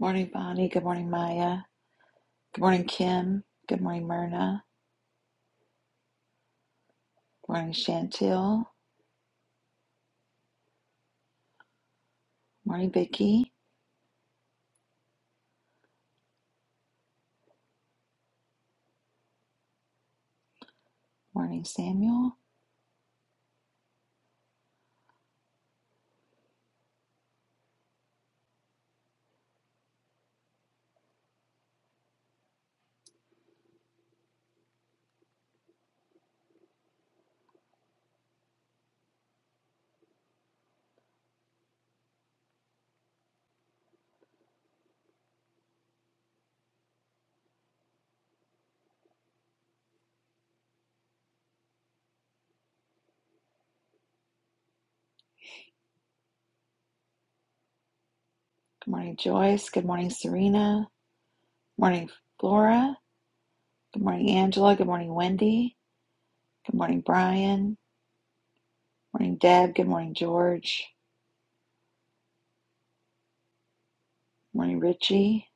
Morning, Bonnie. Good morning, Maya. Good morning, Kim. Good morning, Myrna. Good morning, Chantil. Morning, Vicky. Morning, Samuel. Good morning, Joyce. Good morning, Serena. Morning, Flora. Good morning, Angela. Good morning, Wendy. Good morning, Brian. Morning, Deb. Good morning, George. Morning, Richie.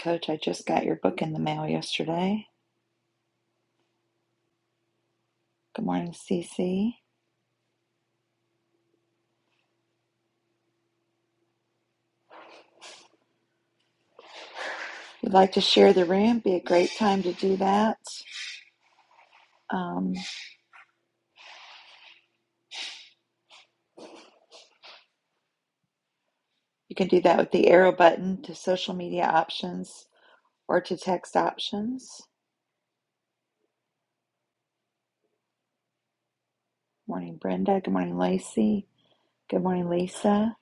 Coach, I just got your book in the mail yesterday. Good morning, Cece. If you'd like to share the room, be a great time to do that. Um. You can do that with the arrow button to social media options or to text options. Good Morning, Brenda. Good morning, Lacey. Good morning, Lisa.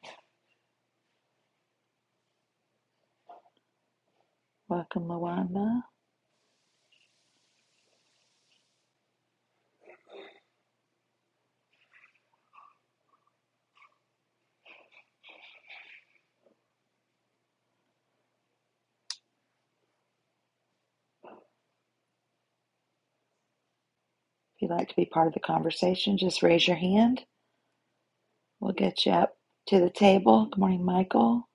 Welcome, Luana. If you'd like to be part of the conversation, just raise your hand. We'll get you up to the table. Good morning, Michael.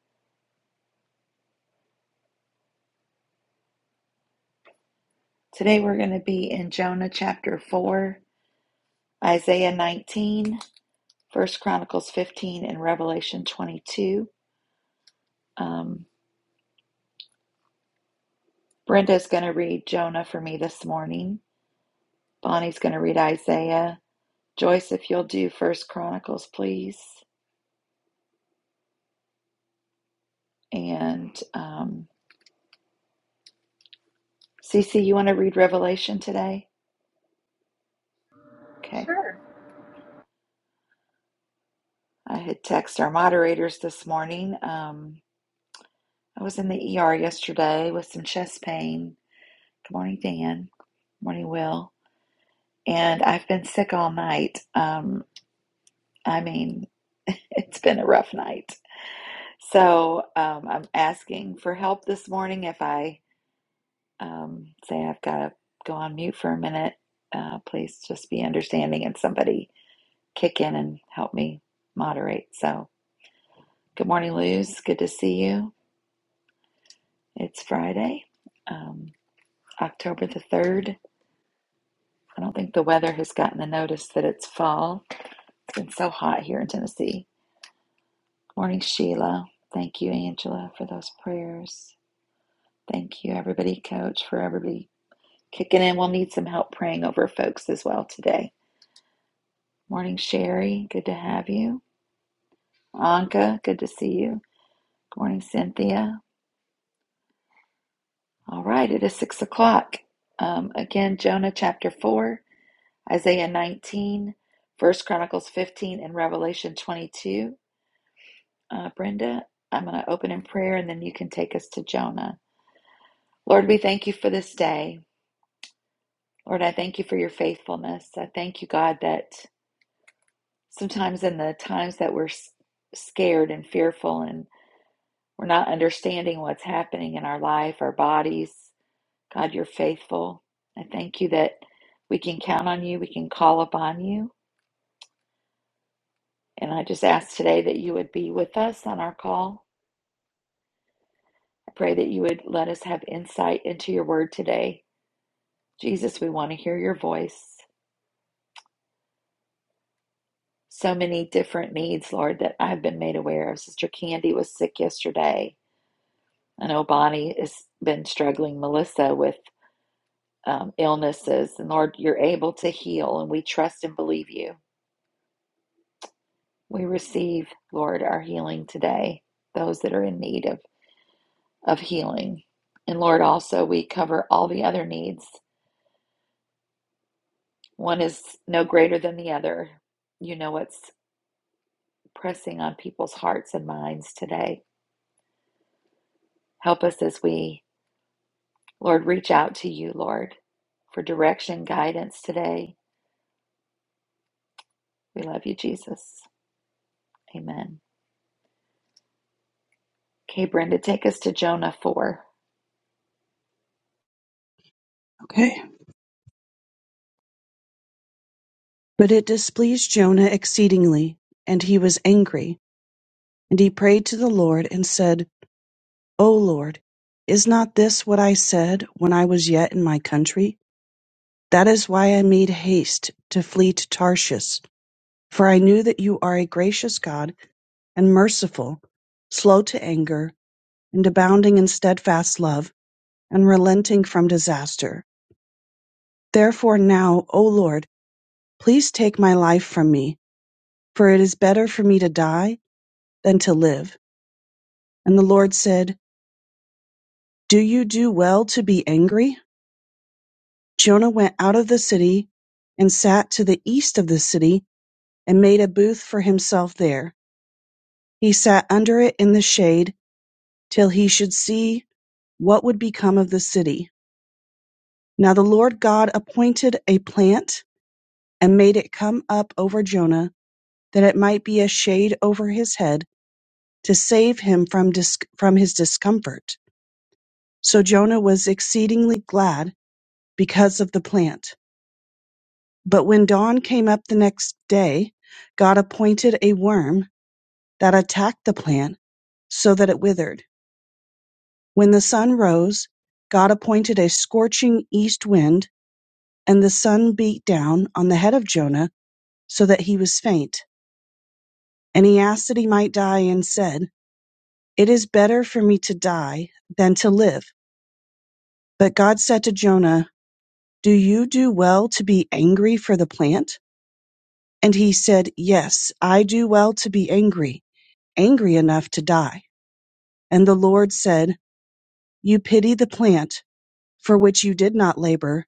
Today we're going to be in Jonah chapter 4, Isaiah 19, First Chronicles 15, and Revelation 22. Um, Brenda's going to read Jonah for me this morning. Bonnie's going to read Isaiah. Joyce, if you'll do First Chronicles, please. And um, Cece, you want to read Revelation today? Okay. Sure. I had texted our moderators this morning. Um, I was in the ER yesterday with some chest pain. Good morning, Dan. Good Morning, Will. And I've been sick all night. Um, I mean, it's been a rough night. So um, I'm asking for help this morning if I um, say, I've got to go on mute for a minute, uh, please just be understanding and somebody kick in and help me moderate. So, good morning, Luz. Good to see you. It's Friday, um, October the 3rd. I don't think the weather has gotten the notice that it's fall. It's been so hot here in Tennessee. Morning, Sheila. Thank you, Angela, for those prayers. Thank you, everybody, coach, for everybody kicking in. We'll need some help praying over folks as well today. Morning, Sherry. Good to have you. Anka, good to see you. Good morning, Cynthia. All right, it is six o'clock. Um, again, Jonah chapter 4, Isaiah 19, First Chronicles 15, and Revelation 22. Uh, Brenda, I'm going to open in prayer and then you can take us to Jonah. Lord, we thank you for this day. Lord, I thank you for your faithfulness. I thank you, God, that sometimes in the times that we're s- scared and fearful and We're not understanding what's happening in our life, our bodies. God, you're faithful. I thank you that we can count on you, we can call upon you. And I just ask today that you would be with us on our call. I pray that you would let us have insight into your word today. Jesus, we want to hear your voice. So many different needs, Lord, that I've been made aware of. Sister Candy was sick yesterday. I know Bonnie has been struggling, Melissa, with um, illnesses. And Lord, you're able to heal, and we trust and believe you. We receive, Lord, our healing today, those that are in need of, of healing. And Lord, also, we cover all the other needs. One is no greater than the other. You know what's pressing on people's hearts and minds today. Help us as we, Lord, reach out to you, Lord, for direction, guidance today. We love you, Jesus. Amen. Okay, Brenda, take us to Jonah 4. Okay. But it displeased Jonah exceedingly, and he was angry. And he prayed to the Lord, and said, O Lord, is not this what I said when I was yet in my country? That is why I made haste to flee to Tarshish. For I knew that you are a gracious God and merciful, slow to anger, and abounding in steadfast love, and relenting from disaster. Therefore now, O Lord, please take my life from me, for it is better for me to die than to live. And the Lord said, Do you do well to be angry? Jonah went out of the city and sat to the east of the city and made a booth for himself there. He sat under it in the shade till he should see what would become of the city. Now the Lord God appointed a plant and made it come up over Jonah that it might be a shade over his head to save him from, dis- from his discomfort. So Jonah was exceedingly glad because of the plant. But when dawn came up the next day, God appointed a worm that attacked the plant so that it withered. When the sun rose, God appointed a scorching east wind, and the sun beat down on the head of Jonah so that he was faint. And he asked that he might die, and said, It is better for me to die than to live. But God said to Jonah, Do you do well to be angry for the plant? And he said, Yes, I do well to be angry, angry enough to die. And the Lord said, You pity the plant for which you did not labor,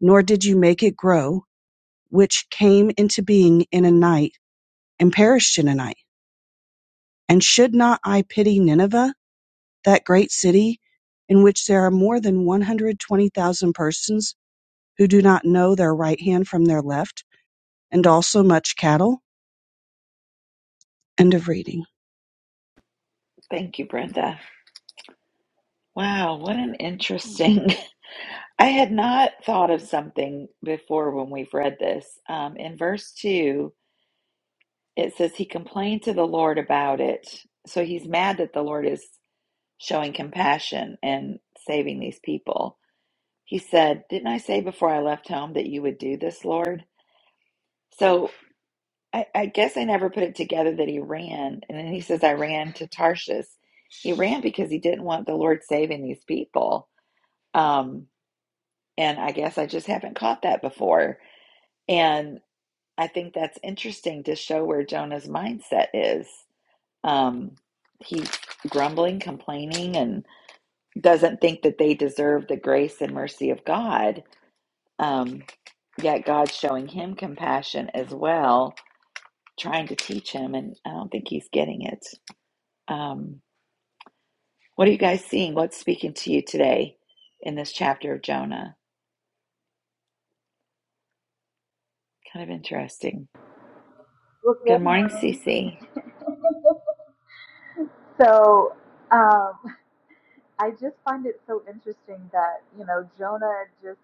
nor did you make it grow, which came into being in a night and perished in a night. And should not I pity Nineveh, that great city in which there are more than 120,000 persons who do not know their right hand from their left, and also much cattle? End of reading. Thank you, Brenda. Wow, what an interesting. I had not thought of something before when we've read this. Um, in verse 2, it says, He complained to the Lord about it. So he's mad that the Lord is showing compassion and saving these people. He said, Didn't I say before I left home that you would do this, Lord? So I, I guess I never put it together that he ran. And then he says, I ran to Tarshish. He ran because he didn't want the Lord saving these people. Um, And I guess I just haven't caught that before. And I think that's interesting to show where Jonah's mindset is. Um, he's grumbling, complaining, and doesn't think that they deserve the grace and mercy of God. Um, yet God's showing him compassion as well, trying to teach him. And I don't think he's getting it. Um, what are you guys seeing? What's speaking to you today in this chapter of Jonah? Kind of interesting. Well, Good good morning, morning. Cece. So, um, I just find it so interesting that, you know, Jonah just,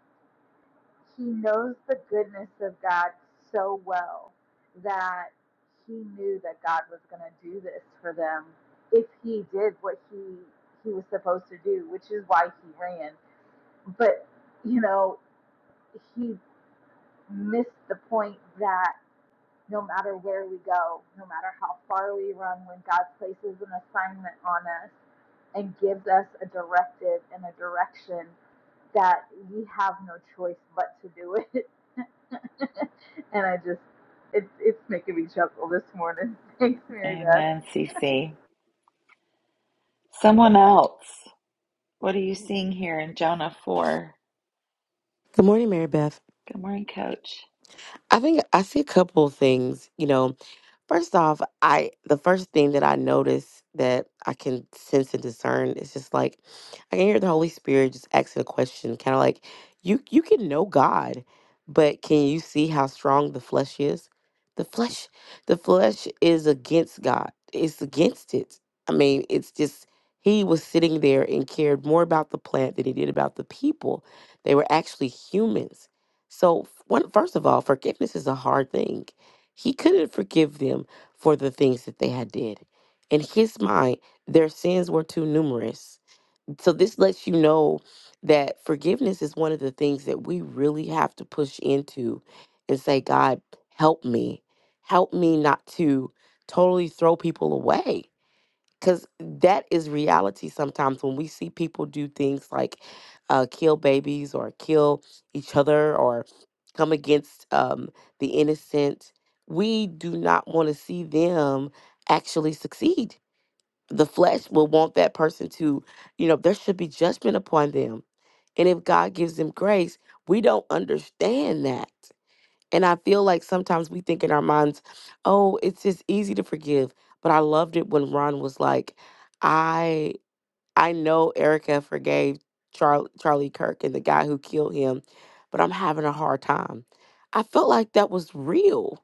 he knows the goodness of God so well that he knew that God was going to do this for them if he did what he, he was supposed to do, which is why he ran. But, you know, he missed the point that. no matter where we go, no matter how far we run, when God places an assignment on us and gives us a directive and a direction that we have no choice but to do it. and I just, it's it's making me chuckle this morning. Thanks, Mary Beth. Amen, Cece. Someone else. What are you seeing here in Jonah 4? Good morning, Mary Beth. Good morning, Coach. I think I see a couple of things. You know, First off, I the first thing that I notice that I can sense and discern is just like I can hear the Holy Spirit just asking a question, kind of like you you can know God, but can you see how strong the flesh is? The flesh, the flesh is against God. It's against it. I mean, it's just he was sitting there and cared more about the plant than he did about the people. They were actually humans. So, f- one, first of all, forgiveness is a hard thing he couldn't forgive them for the things that they had did. In his mind, their sins were too numerous. So this lets you know that forgiveness is one of the things that we really have to push into and say, God, help me. Help me not to totally throw people away because that is reality sometimes when we see people do things like uh, kill babies or kill each other or come against um, the innocent we do not want to see them actually succeed the flesh will want that person to you know there should be judgment upon them and if god gives them grace we don't understand that and I feel like sometimes we think in our minds, oh, it's just easy to forgive. But I loved it when Ron was like, I I know Erica forgave Charlie Charlie Kirk and the guy who killed him, but I'm having a hard time. I felt like that was real.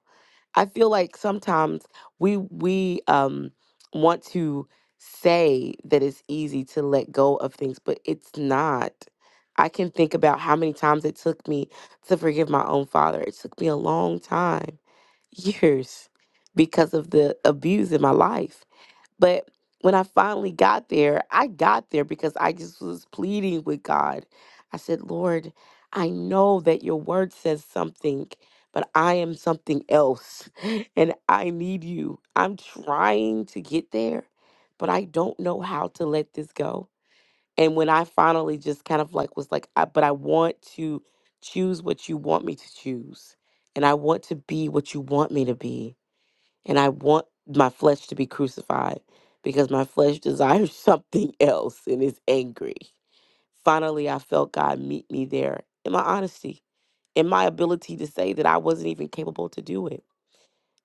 I feel like sometimes we we um want to say that it's easy to let go of things, but it's not. I can think about how many times it took me to forgive my own father. It took me a long time, years, because of the abuse in my life. But when I finally got there, I got there because I just was pleading with God. I said, Lord, I know that your word says something, but I am something else and I need you. I'm trying to get there, but I don't know how to let this go. And when I finally just kind of like was like, I, but I want to choose what you want me to choose, and I want to be what you want me to be and I want my flesh to be crucified because my flesh desires something else and is angry. Finally, I felt God meet me there in my honesty, in my ability to say that I wasn't even capable to do it.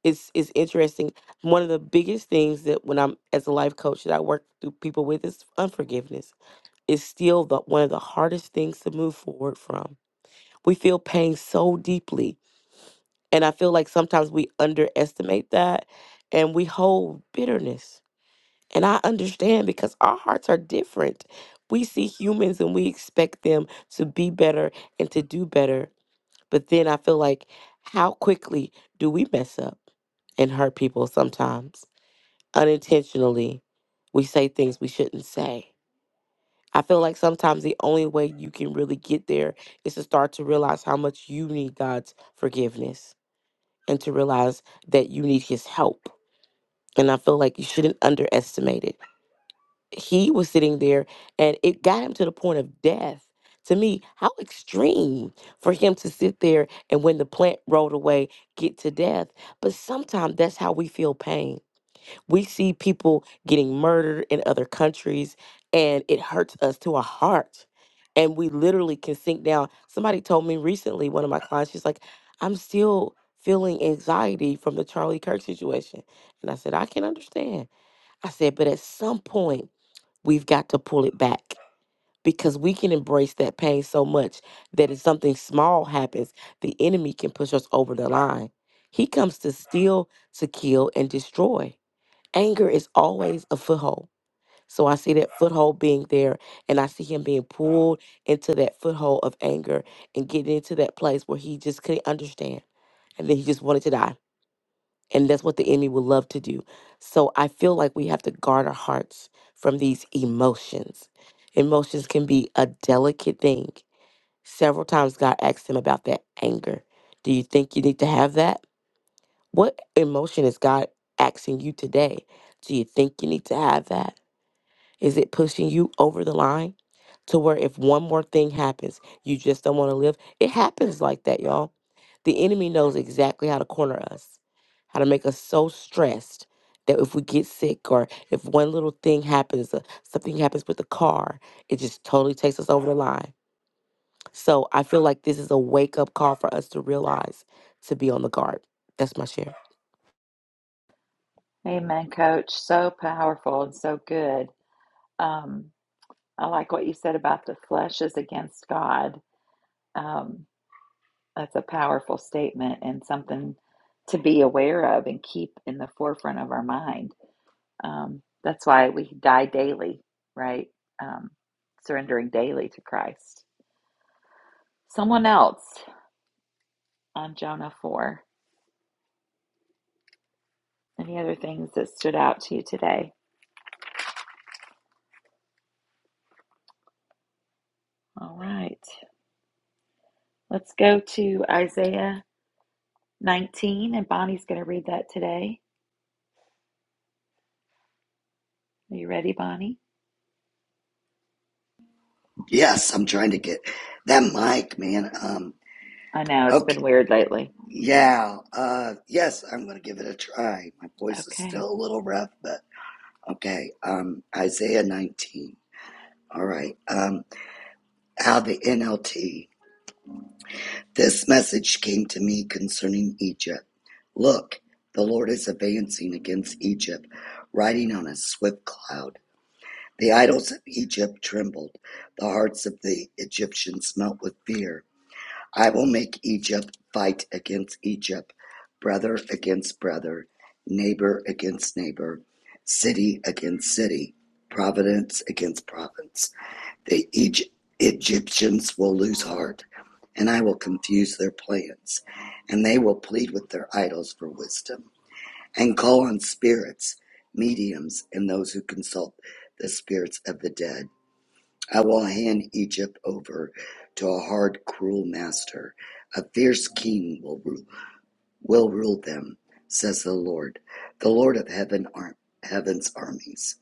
It's, it's interesting. One of the biggest things that when I'm as a life coach that I work through people with is unforgiveness. It's still the, one of the hardest things to move forward from. We feel pain so deeply. And I feel like sometimes we underestimate that and we hold bitterness And I understand because our hearts are different. We see humans and we expect them to be better and to do better. But then I feel like, how quickly do we mess up and hurt people sometimes? Unintentionally, we say things we shouldn't say. I feel like sometimes the only way you can really get there is to start to realize how much you need God's forgiveness and to realize that you need His help. And I feel like you shouldn't underestimate it. he was sitting there and it got him to the point of death. To me, how extreme for him to sit there and when the plant rolled away, get to death. But sometimes that's how we feel pain. We see people getting murdered in other countries and it hurts us to our heart. And we literally can sink down. Somebody told me recently, one of my clients, she's like, I'm still feeling anxiety from the Charlie Kirk situation. And I said, I can understand. I said, but at some point, we've got to pull it back because we can embrace that pain so much that if something small happens, the enemy can push us over the line. He comes to steal, to kill, and destroy. Anger is always a foothold. So I see that foothold being there, and I see him being pulled into that foothold of anger and getting into that place where he just couldn't understand. And then he just wanted to die. And that's what the enemy will love to do. So I feel like we have to guard our hearts from these emotions. Emotions can be a delicate thing. Several times God asked him about that anger. Do you think you need to have that? What emotion is God asking you today? Do you think you need to have that? Is it pushing you over the line to where if one more thing happens, you just don't want to live? It happens like that, y'all. The enemy knows exactly how to corner us, how to make us so stressed that if we get sick or if one little thing happens, uh, something happens with the car, it just totally takes us over the line. So I feel like this is a wake up call for us to realize to be on the guard. That's my share. Amen, Coach. So powerful and so good. Um, I like what you said about the flesh is against God. Um, that's a powerful statement and something to be aware of and keep in the forefront of our mind. Um, that's why we die daily, right? Um, surrendering daily to Christ. Someone else on Jonah 4. Any other things that stood out to you today? All right. Let's go to Isaiah 19, and Bonnie's going to read that today. Are you ready, Bonnie? Yes, I'm trying to get that mic, man. Um, I know it's okay, been weird lately. yeah, uh, yes, I'm gonna give it a try. My voice is Okay. still a little rough, but okay. Um, Isaiah 19. All right. Um, out of the NLT. This message came to me concerning Egypt. Look, the Lord is advancing against Egypt, riding on a swift cloud. The idols of Egypt trembled. The hearts of the Egyptians melt with fear. I will make Egypt fight against Egypt, brother against brother, neighbor against neighbor, city against city, province against province. The Egy- Egyptians will lose heart, and I will confuse their plans, and they will plead with their idols for wisdom, and call on spirits, mediums, and those who consult the spirits of the dead I will hand Egypt over to a hard, cruel master. A fierce king will rule, will rule them, says the Lord, the Lord of heaven, ar- heaven's armies.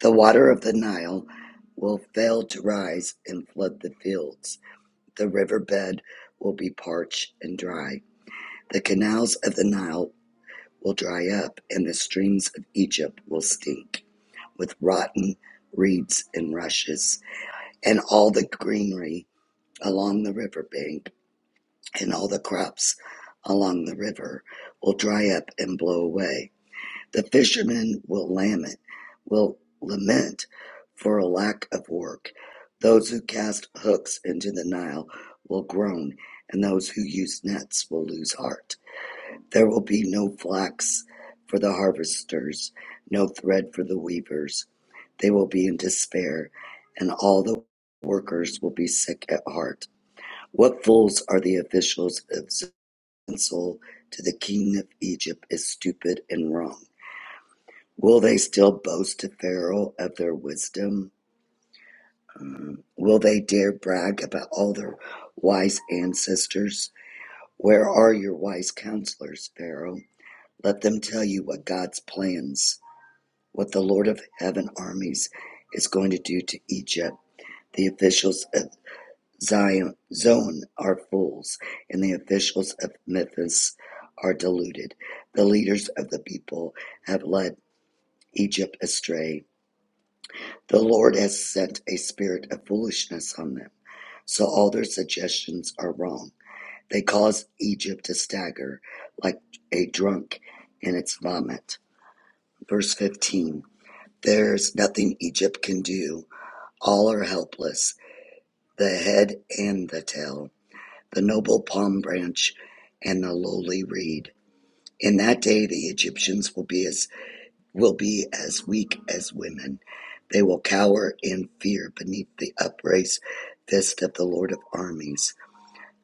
The water of the Nile will fail to rise and flood the fields. The riverbed will be parched and dry. The canals of the Nile will dry up, and the streams of Egypt will stink with rotten reeds and rushes, and all the greenery along the riverbank, and all the crops along the river will dry up and blow away. The fishermen will lament, will lament for a lack of work. Those who cast hooks into the Nile will groan, and those who use nets will lose heart. There will be no flax for the harvesters, no thread for the weavers. They will be in despair, and all the workers will be sick at heart. What fools are the officials of Zensal to the king of Egypt is stupid and wrong? Will they still boast to Pharaoh of their wisdom? Mm. Will they dare brag about all their wise ancestors? Where are your wise counselors, Pharaoh? Let them tell you what God's plans, what the Lord of heaven armies is going to do to Egypt. The officials of Zion are fools, and the officials of Memphis are deluded. The leaders of the people have led Egypt astray. The Lord has sent a spirit of foolishness on them, so all their suggestions are wrong. They cause Egypt to stagger like a drunk in its vomit. Verse 15 There's nothing Egypt can do, all are helpless, the head and the tail. the noble palm branch and the lowly reed. In that day the Egyptians will be as will be as weak as women. They will cower in fear beneath the upraised fist of the Lord of armies.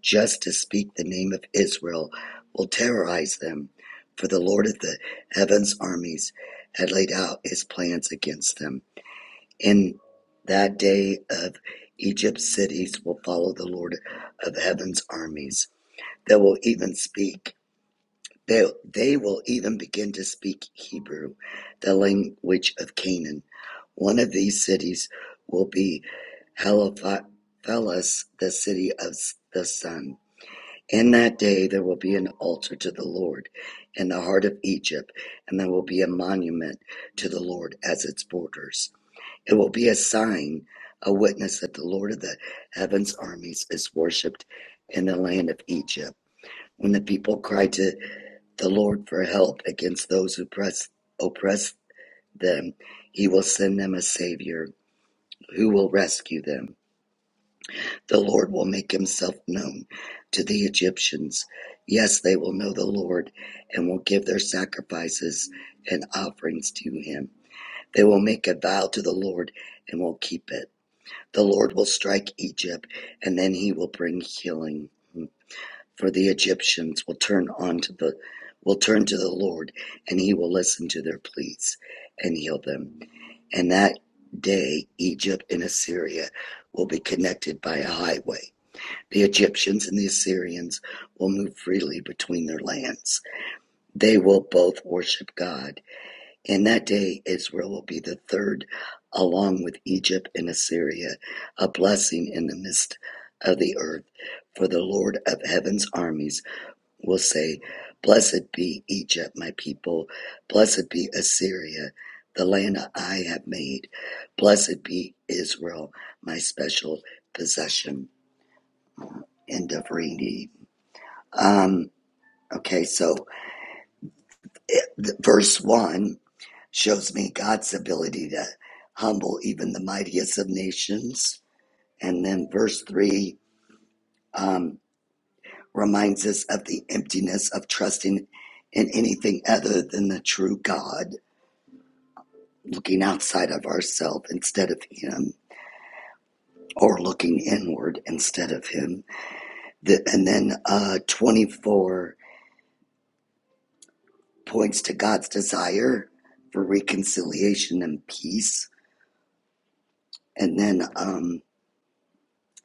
Just to speak the name of Israel will terrorize them, for the Lord of the heavens armies had laid out his plans against them. In that day of Egypt's cities will follow the Lord of heaven's armies they will even speak. They, they will even begin to speak Hebrew, the language of Canaan. One of these cities will be Heliphelis, the city of the sun. In that day there will be an altar to the Lord in the heart of Egypt, and there will be a monument to the Lord as its borders. It will be a sign, a witness that the Lord of the heavens armies is worshipped in the land of Egypt. When the people cried to the Lord for help against those who press, oppress them. He will send them a Savior who will rescue them. The Lord will make himself known to the Egyptians. Yes, they will know the Lord and will give their sacrifices and offerings to him. They will make a vow to the Lord and will keep it. The Lord will strike Egypt and then he will bring healing. For the Egyptians will turn on to the will turn to the Lord, and he will listen to their pleas and heal them. And that day Egypt and Assyria will be connected by a highway. The Egyptians and the Assyrians will move freely between their lands. They will both worship God. In that day, Israel will be the third, along with Egypt and Assyria, a blessing in the midst of the earth. For the Lord of heaven's armies will say, Blessed be Egypt, my people. Blessed be Assyria, the land that I have made. Blessed be Israel, my special possession. End of reading. Um, okay, so it, the, verse 1 shows me God's ability to humble even the mightiest of nations. And then verse 3 um, reminds us of the emptiness of trusting in anything other than the true God looking outside of ourselves instead of him or looking inward instead of him the, and then uh, 24 points to god's desire for reconciliation and peace and then um,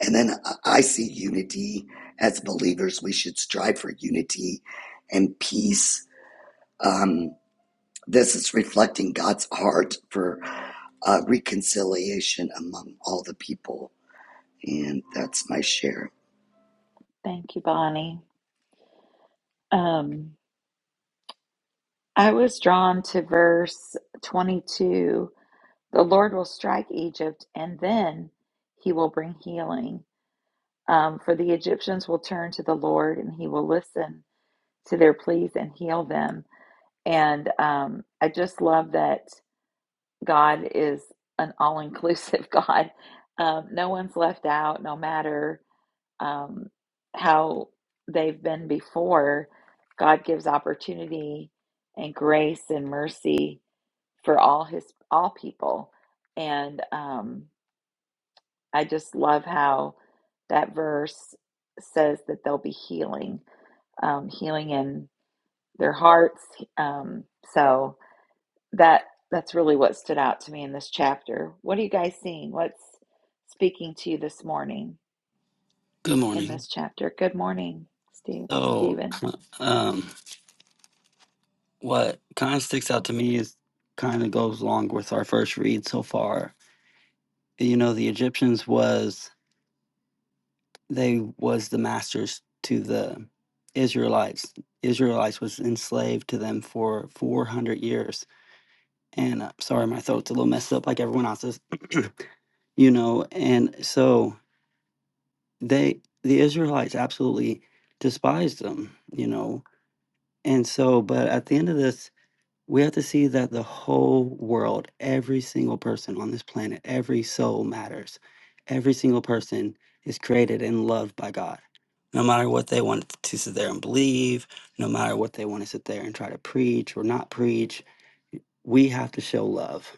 and then i I see unity as believers we should strive for unity and peace um, this is reflecting god's heart for uh, reconciliation among all the people and that's my share Thank you, Bonnie. Um, I was drawn to verse 22. The Lord will strike Egypt, and then he will bring healing. Um, for the Egyptians will turn to the Lord, and he will listen to their pleas and heal them. And um, I just love that God is an all inclusive God. Um, no one's left out, no matter um, how they've been before. God gives opportunity and grace and mercy for all his all people, and um, I just love how that verse says that there'll be healing, um, healing in their hearts. Um, so that that's really what stood out to me in this chapter. What are you guys seeing? What's speaking to you this morning Good in morning. this chapter? Good morning, Steve, So, Stephen. um, what kind of sticks out to me is kind of goes along with our first read so far. You know, the Egyptians was they was the masters to the Israelites. Israelites was enslaved to them for 400 years. And uh, sorry, my throat's a little messed up like everyone else's, you know. And so they, the Israelites absolutely despised them, you know. And so, but at the end of this, we have to see that the whole world, every single person on this planet, every soul matters. Every single person is created and loved by God. No matter what they want to sit there and believe, no matter what they want to sit there and try to preach or not preach, we have to show love.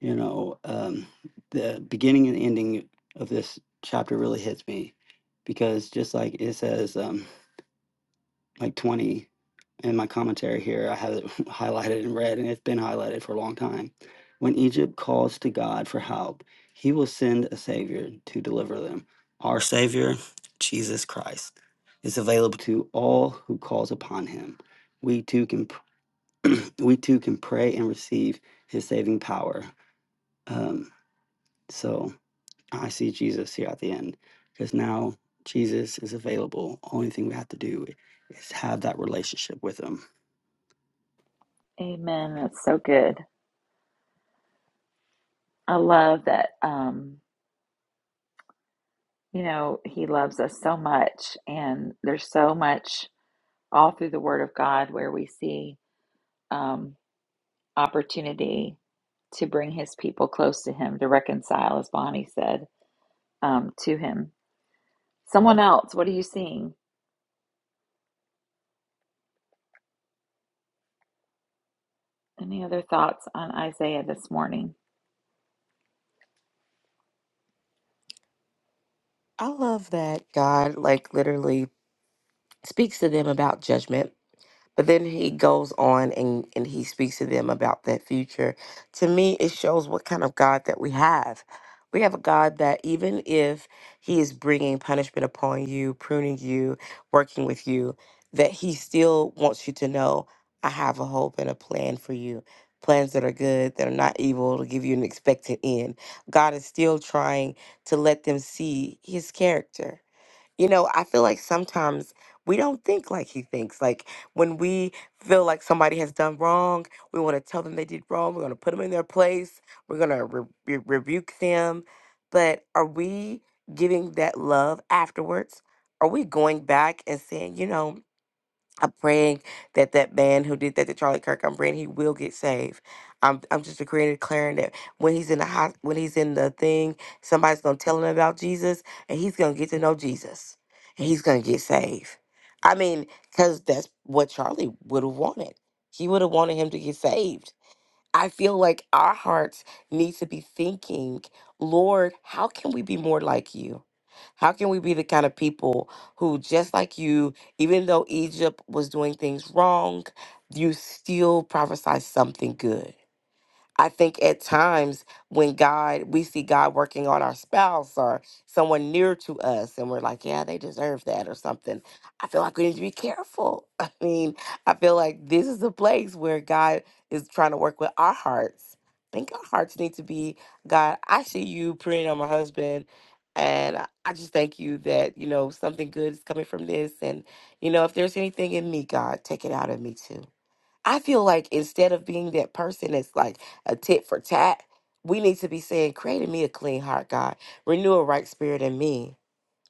You know, um, the beginning and ending of this chapter really hits me because just like it says, um, like 20 in my commentary here. I have it highlighted in red, and it's been highlighted for a long time. When Egypt calls to God for help, he will send a Savior to deliver them. Our Savior, Jesus Christ, is available to all who calls upon him. We too can we too can pray and receive his saving power. Um, so I see Jesus here at the end because now Jesus is available. Only thing we have to do is have that relationship with him. Amen. That's so good. I love that. Um, you know, he loves us so much, and there's so much all through the Word of God where we see um, opportunity to bring His people close to Him, to reconcile, as Bonnie said, um, to Him. Someone else, what are you seeing? Any other thoughts on Isaiah this morning? I love that God, like, literally speaks to them about judgment But then he goes on and, and he speaks to them about that future. To me, it shows what kind of God that we have. We have a God that even if he is bringing punishment upon you, pruning you, working with you, that he still wants you to know, I have a hope and a plan for you. Plans that are good, that are not evil, to give you an expected end. God is still trying to let them see his character. You know, I feel like sometimes we don't think like he thinks. Like when we feel like somebody has done wrong, we want to tell them they did wrong. We're going to put them in their place. We're going to re- re- rebuke them. But are we giving that love afterwards? Are we going back and saying, you know, I'm praying that that man who did that to Charlie Kirk, I'm praying he will get saved. I'm I'm just decreeing and declaring that when he's in the hos- when he's in the thing, somebody's gonna tell him about Jesus, and he's gonna get to know Jesus, and he's gonna get saved. I mean, because that's what Charlie would have wanted. He would have wanted him to get saved I feel like our hearts need to be thinking, Lord, how can we be more like you? How can we be the kind of people who, just like you, even though Egypt was doing things wrong, you still prophesy something good? I think at times when God, we see God working on our spouse or someone near to us, and we're like, yeah, they deserve that or something. I feel like we need to be careful. I mean, I feel like this is a place where God is trying to work with our hearts. I think our hearts need to be, God, I see you praying on my husband. And I I just thank you that, you know, something good is coming from this. And, you know, if there's anything in me, God, take it out of me too. I feel like instead of being that person that's like a tit for tat, we need to be saying, Create in me a clean heart, God. Renew a right spirit in me.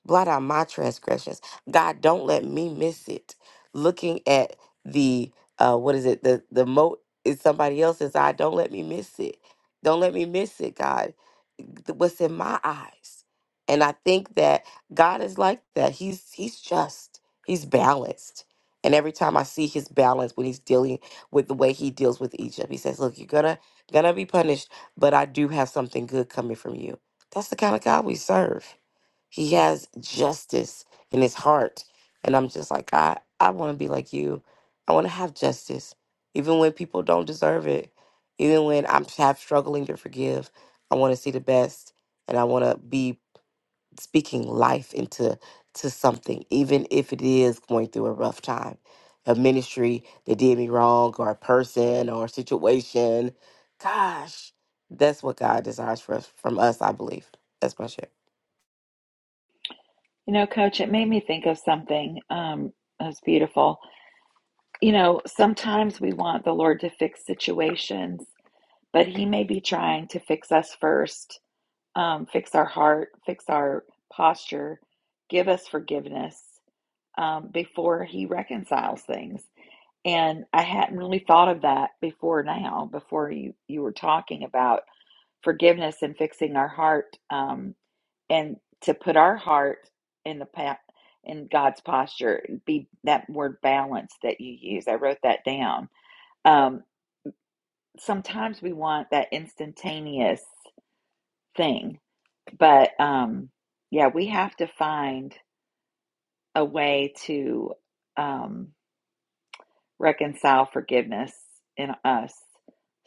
Blot out my transgressions. God, don't let me miss it. Looking at the uh what is it? The the moat is somebody else's eye. Don't let me miss it. Don't let me miss it, God. Th- What's in my eyes. And I think that God is like that. He's he's just. He's balanced. And every time I see his balance when he's dealing with the way he deals with Egypt, he says, Look, you're gonna gonna be punished, but I do have something good coming from you. That's the kind of God we serve. He has justice in his heart. And I'm just like, God, I want to be like you. I want to have justice, even when people don't deserve it, even when I'm half struggling to forgive. I want to see the best, and I want to be speaking life into to something, even if it is going through a rough time, a ministry that did me wrong, or a person, or a situation. Gosh, that's what God desires for us, from us. I believe. That's my share. You know, coach, it made me think of something. Um, that was beautiful. You know, sometimes we want the Lord to fix situations, but He may be trying to fix us first, um, fix our heart, fix our posture, give us forgiveness um, before He reconciles things. And I hadn't really thought of that before now, before you, you were talking about forgiveness and fixing our heart. Um, and to put our heart in the path, in God's posture be that word balance that you use. I wrote that down. Um, sometimes we want that instantaneous thing, but um, yeah, we have to find a way to um, reconcile forgiveness in us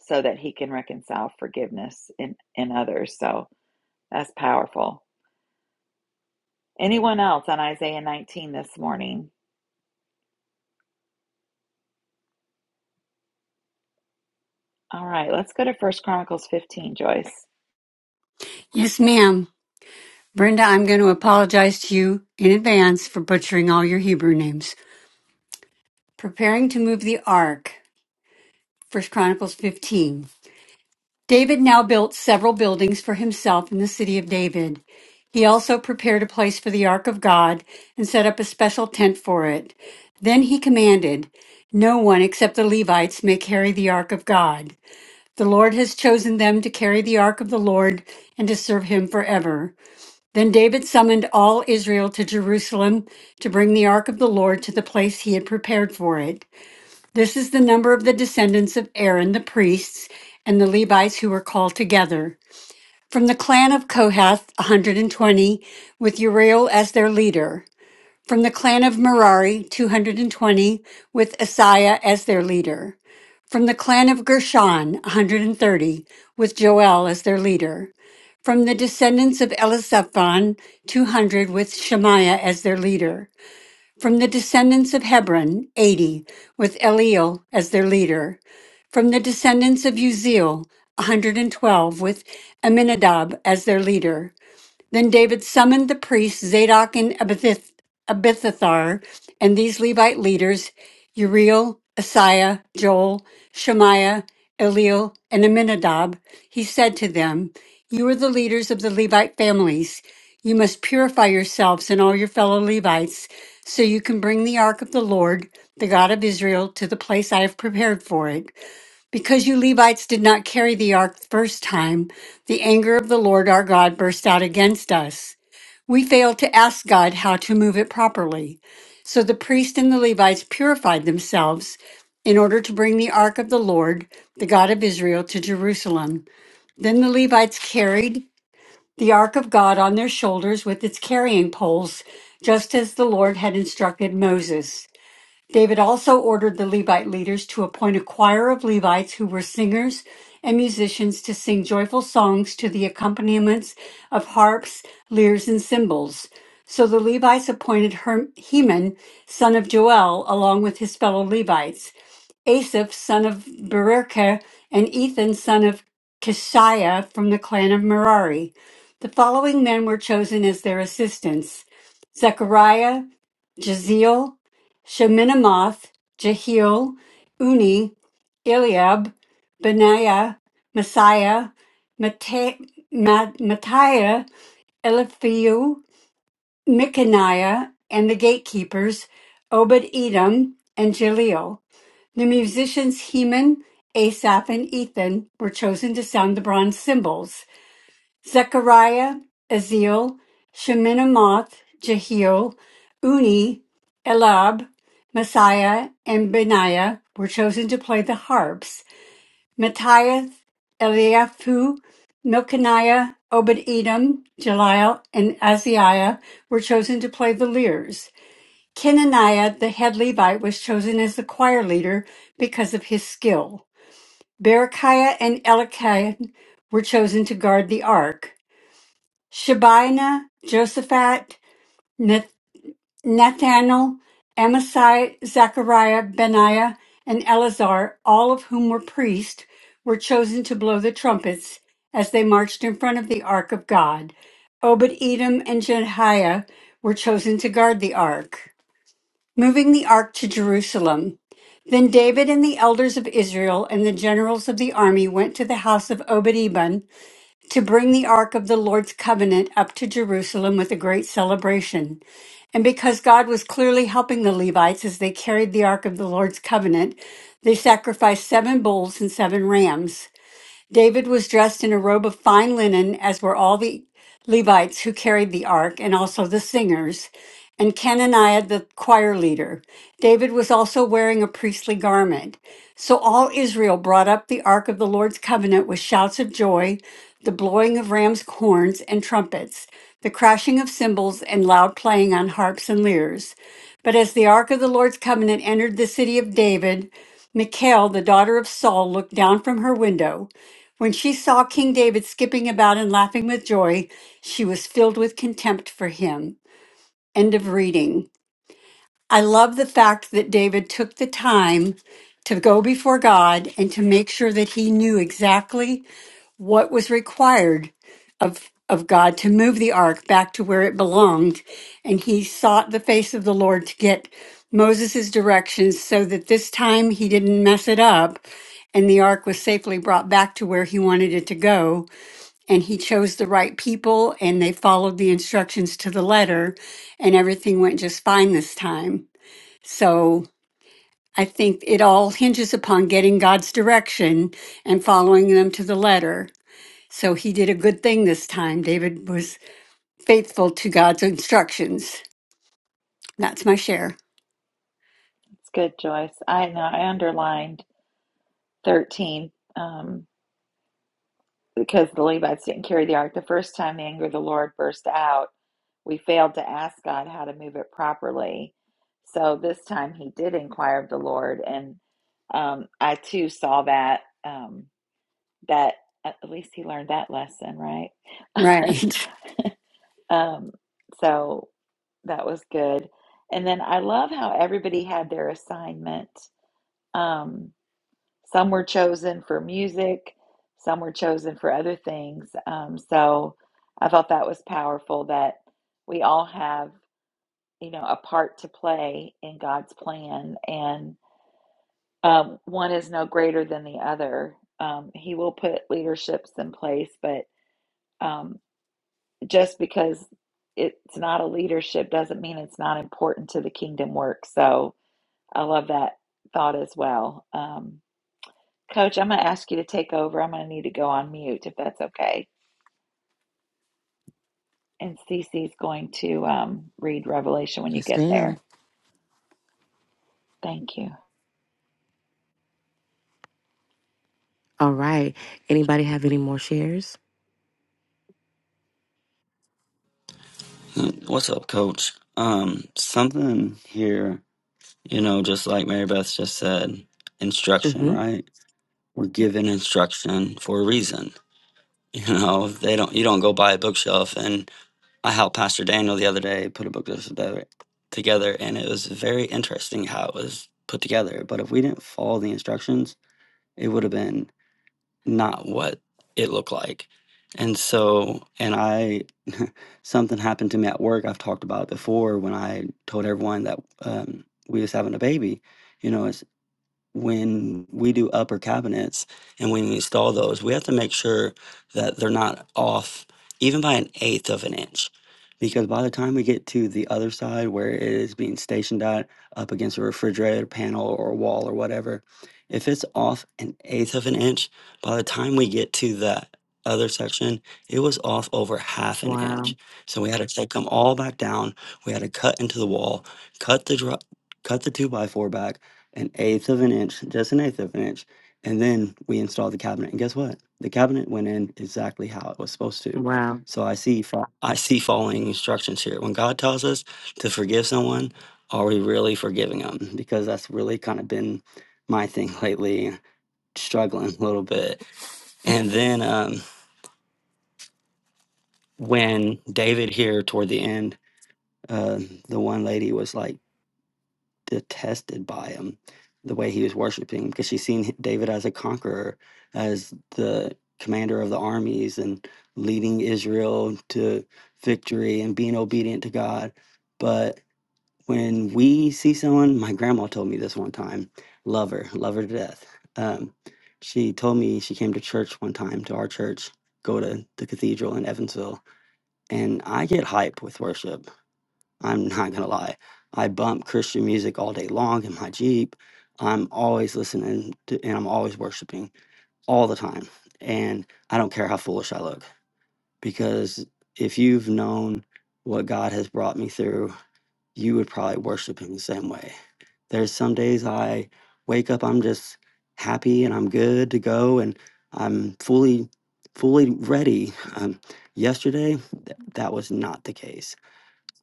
so that he can reconcile forgiveness in, in others. So that's powerful. Anyone else on Isaiah 19 this morning? All right, let's go to First Chronicles 15, Joyce. It's Yes, ma'am. Brenda, I'm going to apologize to you in advance for butchering all your Hebrew names. Preparing to move the ark. First Chronicles 15. David now built several buildings for himself in the city of David. He also prepared a place for the ark of God and set up a special tent for it. Then he commanded, No one except the Levites may carry the ark of God. The Lord has chosen them to carry the ark of the Lord and to serve him forever. Then David summoned all Israel to Jerusalem to bring the ark of the Lord to the place he had prepared for it. This is the number of the descendants of Aaron the priests and the Levites who were called together. From the clan of Kohath, 120, with Uriel as their leader. From the clan of Merari, 220, with Asaiah as their leader. From the clan of Gershon, 130, with Joel as their leader. From the descendants of Elisaphon, 200, with Shemaiah as their leader. From the descendants of Hebron, 80, with Eliel as their leader. From the descendants of Uziel, 112, with Aminadab as their leader. Then David summoned the priests Zadok and Abith- Abithophar, and these Levite leaders, Uriel, Asaiah, Joel, Shemaiah, Eliel, and Aminadab. He said to them, You are the leaders of the Levite families. You must purify yourselves and all your fellow Levites, so you can bring the ark of the Lord, the God of Israel, to the place I have prepared for it. Because you Levites did not carry the ark the first time, the anger of the Lord our God burst out against us. We failed to ask God how to move it properly. So the priest and the Levites purified themselves in order to bring the ark of the Lord, the God of Israel, to Jerusalem. Then the Levites carried the ark of God on their shoulders with its carrying poles, just as the Lord had instructed Moses. David also ordered the Levite leaders to appoint a choir of Levites who were singers and musicians to sing joyful songs to the accompaniments of harps, lyres, and cymbals. So the Levites appointed Her- Heman, son of Joel, along with his fellow Levites, Asaph, son of Berekah, and Ethan, son of Kishiah, from the clan of Merari. The following men were chosen as their assistants Zechariah, Jeziel, Shemiramoth, Jehiel, Uni, Eliab, Benaiah, Messiah, Mata- Ma- Mattiah, Eliphiu, Micaniah, and the gatekeepers, Obed Edom, and Jaleel. The musicians Heman, Asaph, and Ethan were chosen to sound the bronze cymbals. Zechariah, Aziel, Shemiramoth, Jehiel, Uni, Elab, Messiah, and Benaiah were chosen to play the harps. Matthias, Eliaphu, Milkaniah, Obed-Edom, Jeliel, and Azariah were chosen to play the lyres. Kenaniah, the head Levite, was chosen as the choir leader because of his skill. Berechiah and Elikiah were chosen to guard the ark. Shebina, Josaphat, Nath- Nathanael, Amasai, Zechariah, Benaiah, and Eleazar, all of whom were priests, were chosen to blow the trumpets as they marched in front of the ark of God. Obed Edom and Jehiah were chosen to guard the ark, moving the ark to Jerusalem. Then David and the elders of Israel and the generals of the army went to the house of Obed to bring the ark of the Lord's covenant up to Jerusalem with a great celebration. And because God was clearly helping the Levites as they carried the ark of the Lord's covenant, they sacrificed seven bulls and seven rams. David was dressed in a robe of fine linen, as were all the Levites who carried the ark, and also the singers, and Cananiah the choir leader. David was also wearing a priestly garment. So all Israel brought up the ark of the Lord's covenant with shouts of joy, the blowing of ram's horns and trumpets, the crashing of cymbals, and loud playing on harps and lyres. But as the ark of the Lord's covenant entered the city of David, Michal, the daughter of Saul, looked down from her window. When she saw King David skipping about and laughing with joy, she was filled with contempt for him. End of reading. I love the fact that David took the time to go before God and to make sure that he knew exactly what was required of of God to move the ark back to where it belonged and he sought the face of the Lord to get Moses' directions so that this time he didn't mess it up and the ark was safely brought back to where he wanted it to go and he chose the right people and they followed the instructions to the letter and everything went just fine this time. So I think it all hinges upon getting God's direction and following them to the letter. So he did a good thing this time. David was faithful to God's instructions. That's my share. good, Joyce. I know I underlined 13 um, because the Levites didn't carry the ark. The first time the anger of the Lord burst out, we failed to ask God how to move it properly. So this time he did inquire of the Lord, and um, I too saw that um, that at least he learned that lesson, right? Right. Um, so that was good. And then I love how everybody had their assignment. Um, some were chosen for music, some were chosen for other things. Um, so I thought that was powerful that we all have, you know, a part to play in God's plan, and um, one is no greater than the other. Um, he will put leaderships in place, but um. just because it's not a leadership doesn't mean it's not important to the kingdom work. So I love that thought as well. Um, Coach, I'm going to ask you to take over. I'm going to need to go on mute if that's okay. And Cece's going to um, read Revelation when you Yes, get ma'am. there. Thank you. All right. Anybody have any more shares? What's up, coach? Um, something here, you know, just like Mary Beth just said, instruction, Mm-hmm. right? We're given instruction for a reason. You know, they don't you don't go buy a bookshelf and I helped Pastor Daniel the other day put a book together, together, and it was very interesting how it was put together. But if we didn't follow the instructions, it would have been not what it looked like. And so, and I, something happened to me at work. I've talked about it before when I told everyone that um, we was having a baby. You know, it's when we do upper cabinets and we install those, we have to make sure that they're not off even by an eighth of an inch. Because by the time we get to the other side where it is being stationed at, up against a refrigerator panel or a wall or whatever, if it's off an eighth of an inch, by the time we get to that other section, it was off over half an Wow. inch. So we had to take them all back down. We had to cut into the wall, cut the dr- cut the two by four back, an eighth of an inch, just an eighth of an inch. And then we installed the cabinet. And guess what? The cabinet went in exactly how it was supposed to. Wow. So I see fo- I see following instructions here. When God tells us to forgive someone, are we really forgiving them? Because that's really kind of been my thing lately, struggling a little bit. And then um, when David here toward the end, uh, the one lady was like, detested by him, the way he was worshiping, because she's seen David as a conqueror, as the commander of the armies and leading Israel to victory and being obedient to God. But when we see someone, my grandma told me this one time, love her, love her to death. Um, she told me she came to church one time, to our church, go to the cathedral in Evansville. And I get hype with worship. I'm not gonna lie. I bump Christian music all day long in my Jeep. I'm always listening to, and I'm always worshiping all the time. And I don't care how foolish I look because if you've known what God has brought me through, you would probably worship Him the same way. There's some days I wake up, I'm just happy and I'm good to go and I'm fully, fully ready. Um, yesterday, th- that was not the case.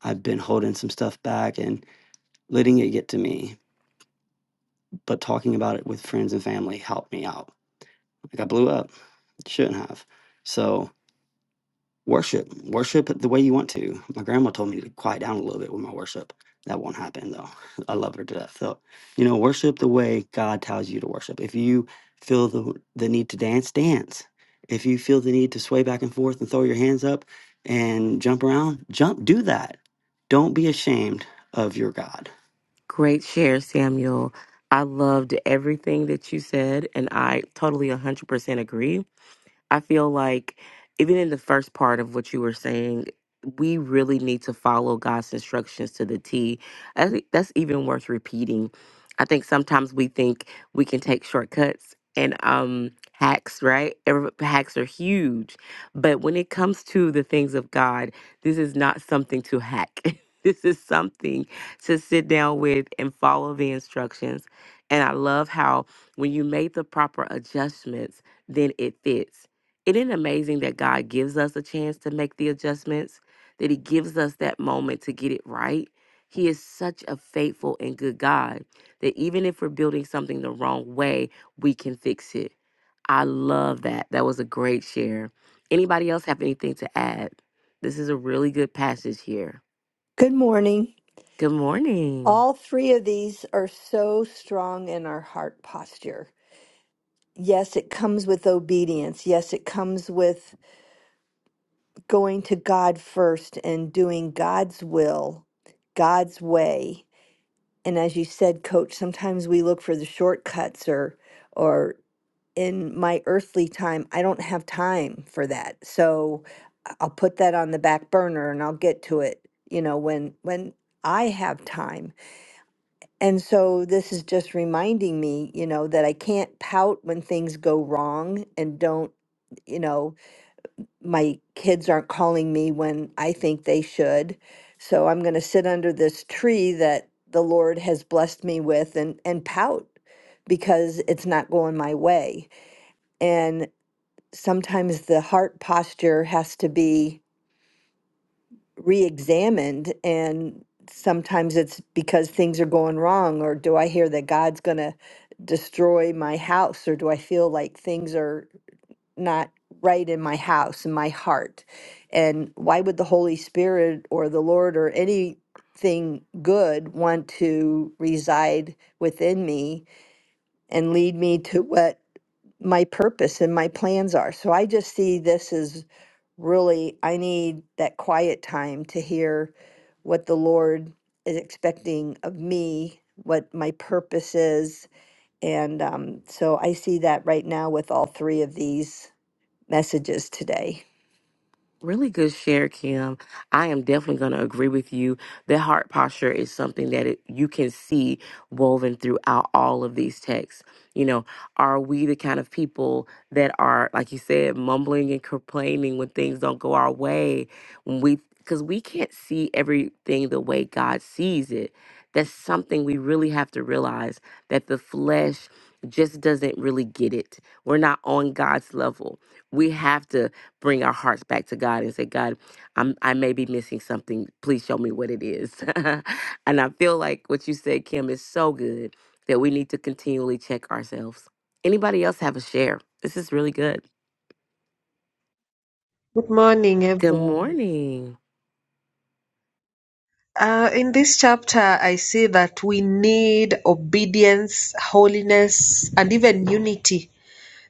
I've been holding some stuff back and letting it get to me, but talking about it with friends and family helped me out. Like I blew up. Shouldn't have. So worship. Worship it the way you want to. My grandma told me to quiet down a little bit with my worship. That won't happen though. I love her to death. So, you know, worship the way God tells you to worship. If you feel the the need to dance, dance. If you feel the need to sway back and forth and throw your hands up and jump around, jump, do that. Don't be ashamed of your God Great share, Samuel. I loved everything that you said, and I totally 100% agree. I feel like even in the first part of what you were saying, we really need to follow God's instructions to the T. I think that's even worth repeating. I think sometimes we think we can take shortcuts and um hacks, right? Every- Hacks are huge. But when it comes to the things of God, this is not something to hack. this is something to sit down with and follow the instructions. And I love how when you made the proper adjustments, then it fits. Isn't it amazing that God gives us a chance to make the adjustments, that He gives us that moment to get it right? He is such a faithful and good God that even if we're building something the wrong way, we can fix it. I love that. That was a great share. Anybody else have anything to add? This is a really good passage here. Good morning. Good morning. All three of these are so strong in our heart posture. Yes, it comes with obedience. Yes, it comes with going to God first and doing God's will, God's way. And as you said, coach, sometimes we look for the shortcuts or or in my earthly time, I don't have time for that. So I- I'll put that on the back burner and I'll get to it, you know, when when I have time And so this is just reminding me, you know, that I can't pout when things go wrong and don't, you know, my kids aren't calling me when I think they should. So I'm going to sit under this tree that the Lord has blessed me with and and pout because it's not going my way. And sometimes the heart posture has to be re-examined and sometimes it's because things are going wrong or do i hear that god's going to destroy my house or do i feel like things are not right in my house in my heart and why would the holy spirit or the lord or anything good want to reside within me and lead me to what my purpose and my plans are so i just see this as really, I need that quiet time to hear what the Lord is expecting of me, what my purpose is. And um, so I see that right now with all three of these messages today. Really good share, Kim. I am definitely going to agree with you. The heart posture is something that it, you can see woven throughout all of these texts. You know, are we the kind of people that are, like you said, mumbling and complaining when things don't go our way? When we, because we can't see everything the way God sees it. That's something we really have to realize that the flesh just doesn't really get it. We're not on God's level. We have to bring our hearts back to God and say, God, I'm I may be missing something. Please show me what it is. and I feel like what you said, Kim, is so good that we need to continually check ourselves. Anybody else have a share? This is really good. Good morning, Good everyone. morning. Uh, in this chapter, I see that we need obedience, holiness, and even unity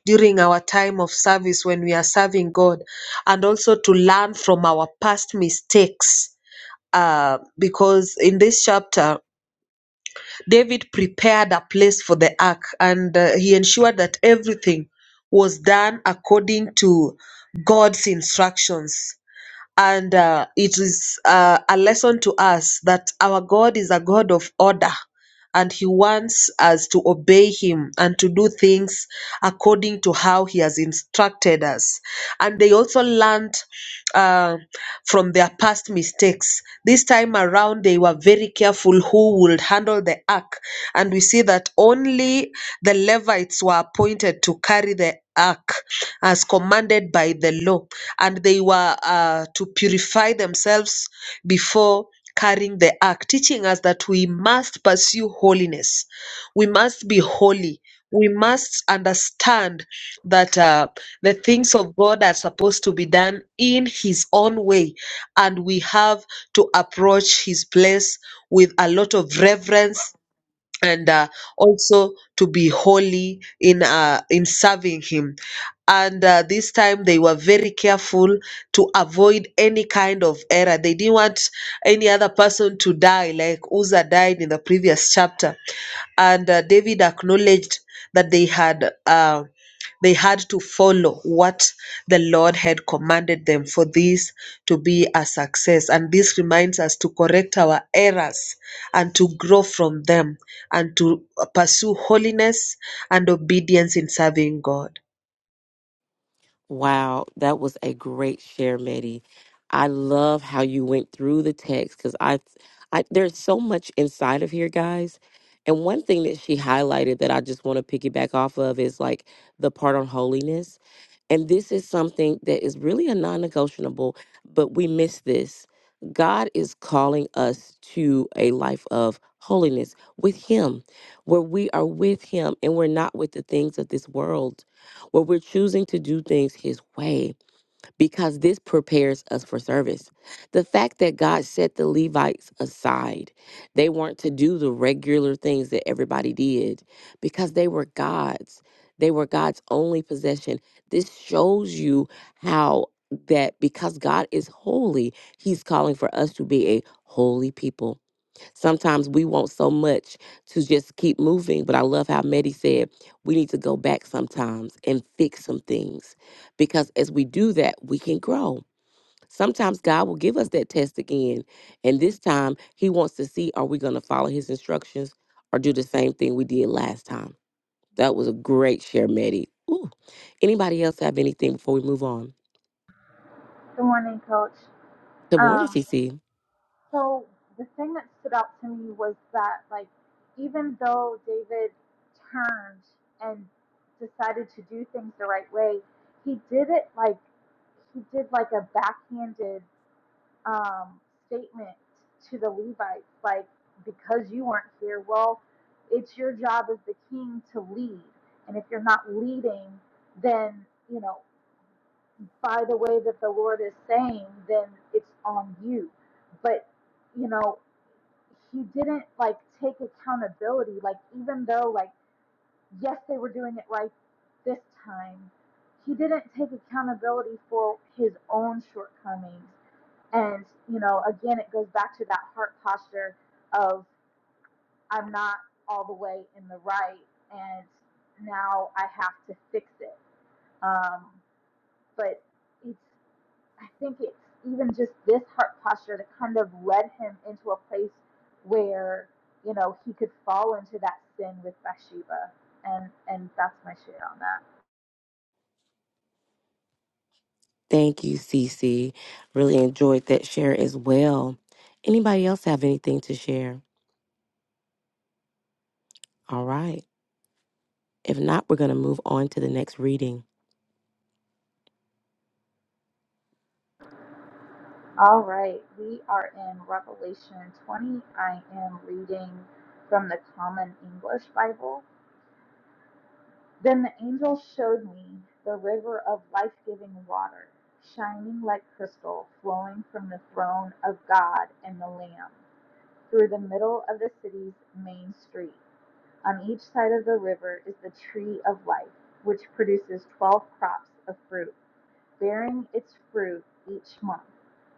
during our time of service when we are serving God, and also to learn from our past mistakes. Uh, because in this chapter, David prepared a place for the ark and uh, he ensured that everything was done according to God's instructions. And uh, it is uh, a lesson to us that our God is a God of order and He wants us to obey Him and to do things according to how He has instructed us. And they also learned uh, from their past mistakes. This time around, they were very careful who would handle the ark. And we see that only the Levites were appointed to carry the ark as commanded by the law and they were uh, to purify themselves before carrying the ark, teaching us that we must pursue holiness. We must be holy. We must understand that uh, the things of God are supposed to be done in His own way, and we have to approach His place with a lot of reverence and uh, also to be holy in uh, in serving him and uh, this time they were very careful to avoid any kind of error they didn't want any other person to die like uzzah died in the previous chapter and uh, david acknowledged that they had uh, they had to follow what the lord had commanded them for this to be a success and this reminds us to correct our errors and to grow from them and to pursue holiness and obedience in serving God. Wow, that was a great share, Maddie. I love how you went through the text because I, I there's so much inside of here, guys. And one thing that she highlighted that I just want to piggyback off of is like the part on holiness. And this is something that is really a non negotiable, but we miss this. God is calling us to a life of holiness with Him, where we are with Him and we're not with the things of this world where we're choosing to do things His way because this prepares us for service. The fact that God set the Levites aside, they weren't to do the regular things that everybody did because they were God's. They were God's only possession. This shows you how that because God is holy, He's calling for us to be a holy people Sometimes we want so much to just keep moving, but I love how Medi said we need to go back sometimes and fix some things because as we do that, we can grow. Sometimes God will give us that test again, and this time He wants to see are we going to follow His instructions or do the same thing we did last time. That was a great share, Medi. Ooh. Anybody else have anything before we move on? Good morning, Coach. Good morning, Um, CC. So the thing that stood out to me was that, like, even though David turned and decided to do things the right way, he did it like he did like a backhanded um, statement to the Levites, like, because you weren't here, well, it's your job as the king to lead, and if you're not leading, then you know by the way that the Lord is saying, then it's on you. But you know he didn't like take accountability. Like even though like yes they were doing it right this time, he didn't take accountability for his own shortcomings. And you know, again, it goes back to that heart posture of I'm not all the way in the right, and now I have to fix it. Um, but it's I think it's even just this heart posture that kind of led him into a place where, you know, he could fall into that sin with Bathsheba. And and that's my share on that. Thank you, Cece. Really enjoyed that share as well. Anybody else have anything to share? All right. If not, we're going to move on to the next reading. All right, we are in Revelation 20. I am reading from the Common English Bible. Then the angel showed me the river of life giving water, shining like crystal, flowing from the throne of God and the Lamb. through the middle of the city's main street. On each side of the river is the tree of life, which produces 12 crops of fruit, bearing its fruit each month.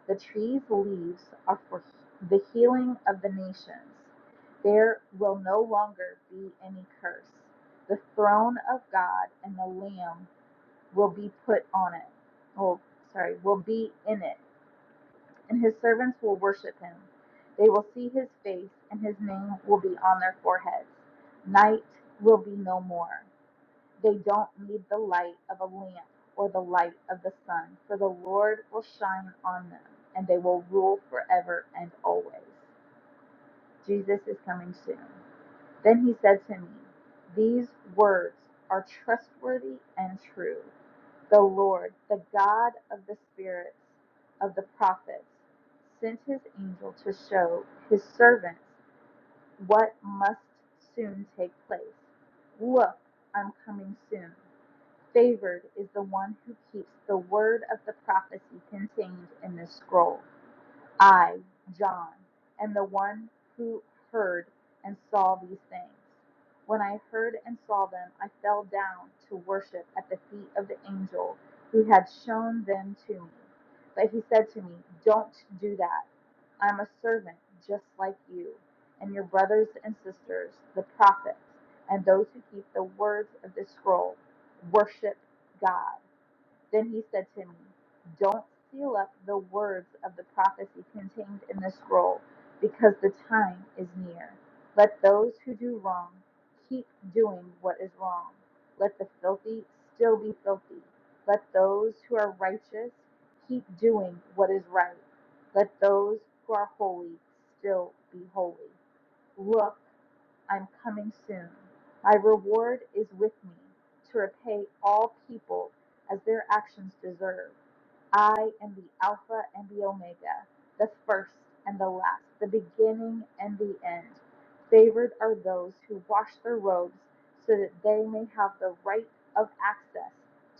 The tree's leaves are for the healing of the nations. There will no longer be any curse. The throne of God and the Lamb will be put on it. Oh, sorry, will be in it and his servants will worship him. They will see his face, and his name will be on their foreheads. Night will be no more. They don't need the light of a lamp or the light of the sun, for the Lord will shine on them, and they will rule forever and always. Jesus is coming soon. Then he said to me, These words are trustworthy and true. The Lord, the God of the spirits of the prophets, sent his angel to show his servants what must soon take place. Look, I'm coming soon. Favored is the one who keeps the word of the prophecy contained in this scroll. I, John, am the one who heard and saw these things. When I heard and saw them, I fell down to worship at the feet of the angel who had shown them to me. But he said to me, Don't do that. I'm a servant just like you, and your brothers and sisters, the prophets, and those who keep the words of this scroll. Worship God. Then he said to me, Don't seal up the words of the prophecy contained in the scroll, because the time is near. Let those who do wrong keep doing what is wrong. Let the filthy still be filthy. Let those who are righteous keep doing what is right. Let those who are holy still be holy. Look, I'm coming soon. My reward is with me to repay all people as their actions deserve. I am the Alpha and the Omega, the first and the last, the beginning and the end. Favored are those who wash their robes so that they may have the right of access